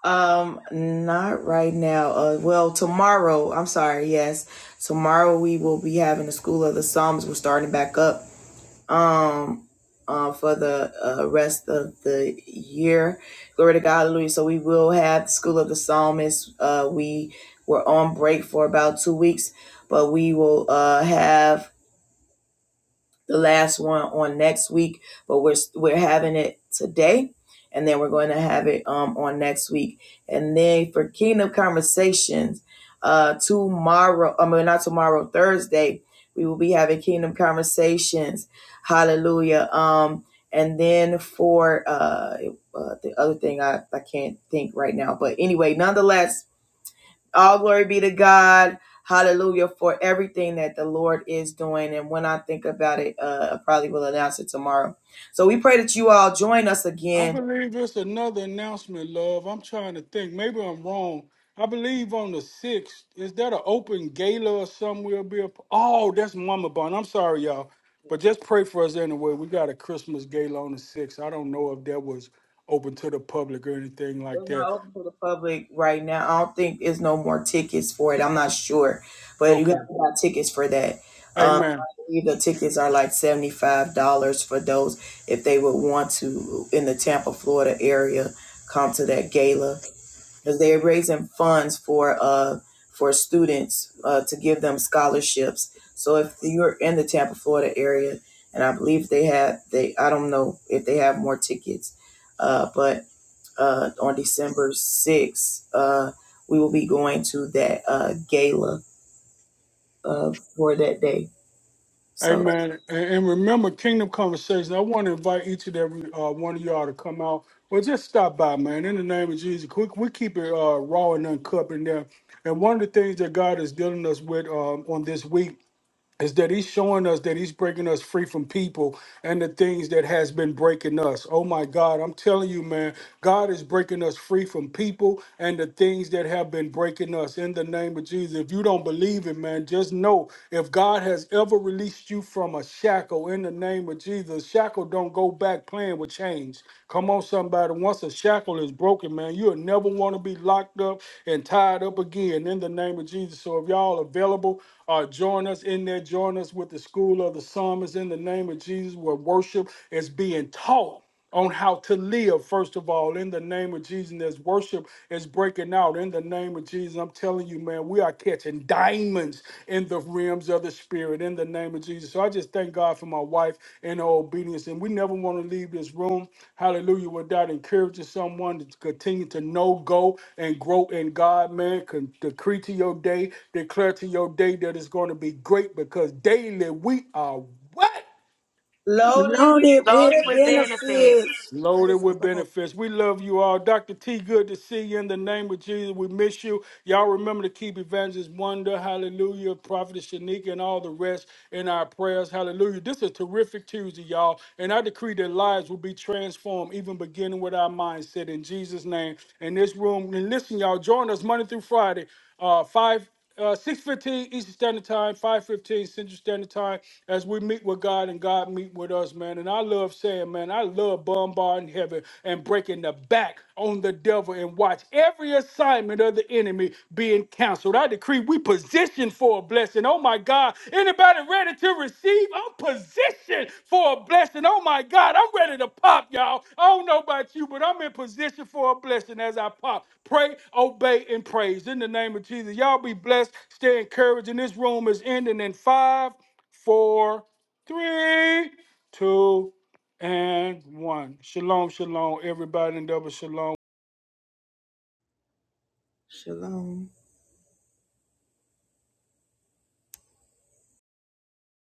Speaker 2: Um, not right now. Uh, well, tomorrow. I'm sorry. Yes, tomorrow we will be having the School of the Psalms. We're starting back up. Um, uh, for the uh, rest of the year. Glory to God, hallelujah. So we will have the School of the Psalmist. Uh, we were on break for about two weeks, but we will uh have the last one on next week, but we're we're having it today, and then we're going to have it um on next week, and then for Kingdom Conversations, uh tomorrow, I mean not tomorrow, Thursday, we will be having Kingdom Conversations, Hallelujah, um, and then for uh, uh the other thing I I can't think right now, but anyway, nonetheless all glory be to God. Hallelujah for everything that the Lord is doing. And when I think about it, uh, I probably will announce it tomorrow. So we pray that you all join us
Speaker 1: I
Speaker 2: again.
Speaker 1: believe it's another announcement, love. I'm trying to think. Maybe I'm wrong. I believe on the 6th, is that an open gala or something we'll be a p- Oh, that's Mama Bun. I'm sorry, y'all. But just pray for us anyway. We got a Christmas gala on the 6th. I don't know if that was open to the public or anything like
Speaker 2: It's not
Speaker 1: that.
Speaker 2: open to the public right now. I don't think there's no more tickets for it. I'm not sure, but you have
Speaker 1: Okay.
Speaker 2: to buy tickets for that. Um,
Speaker 1: Amen.
Speaker 2: the tickets are like $75 for those if they would want to in the Tampa, Florida area come to that gala. because they're raising funds for uh for students uh, to give them scholarships. So if you're in the Tampa, Florida area, and I believe they have they I don't know if they have more tickets, uh, but uh, on December sixth, uh, we will be going to that uh, gala uh, for that day. So
Speaker 1: Amen. And, and remember, Kingdom Conversations. I want to invite each and every uh, one of y'all to come out or just stop by, man. In the name of Jesus, we, we keep it uh, raw and uncut in there. And one of the things that God is dealing us with um, on this week is that he's showing us that he's breaking us free from people and the things that has been breaking us. Oh my God, I'm telling you, man, God is breaking us free from people and the things that have been breaking us in the name of Jesus. If you don't believe it, man, just know if God has ever released you from a shackle in the name of Jesus, shackle don't go back playing with chains. Come on, somebody. Once a shackle is broken, man, you'll never want to be locked up and tied up again in the name of Jesus. So if y'all available, uh, join us in there. Join us with the School of the Psalmist in the name of Jesus, where worship is being taught on how to live, first of all, in the name of Jesus. And as worship is breaking out in the name of Jesus, I'm telling you, man, we are catching diamonds in the realms of the spirit in the name of Jesus. So I just thank God for my wife and her obedience. And we never want to leave this room, hallelujah, without encouraging someone to continue to know, go, and grow in God, man. Con- decree to your day, declare to your day that it's going to be great because daily we are what?
Speaker 2: loaded
Speaker 4: Loaded with
Speaker 2: with
Speaker 5: Loaded with
Speaker 2: benefits.
Speaker 5: benefits.
Speaker 4: benefits.
Speaker 1: Loaded
Speaker 4: Praise the
Speaker 1: with
Speaker 4: Lord.
Speaker 1: benefits. We love you all. Dr. T, good to see you in the name of Jesus. We miss you. Y'all remember to keep Evangelist Wonder, hallelujah, Prophetess Shanika, and all the rest in our prayers, hallelujah. This is a terrific Tuesday, y'all. And I decree that lives will be transformed, even beginning with our mindset in Jesus' name. In this room, and listen, y'all, join us Monday through Friday. Uh, five, uh, six fifteen Eastern Standard Time, five fifteen Central Standard Time. As we meet with God and God meet with us, man. And I love saying, man, I love bombarding heaven and breaking the back on the devil and watch every assignment of the enemy being canceled. I decree we position for for a blessing. Oh my God. Anybody ready to receive? I'm positioned for a blessing. Oh my God. I'm ready to pop, y'all. I don't know about you, but I'm in position for a blessing as I pop. Pray, obey, and praise in the name of Jesus. Y'all be blessed. Stay encouraged. And this room is ending in five, four, three, two, and one. Shalom, shalom, everybody, and double shalom.
Speaker 2: Shalom.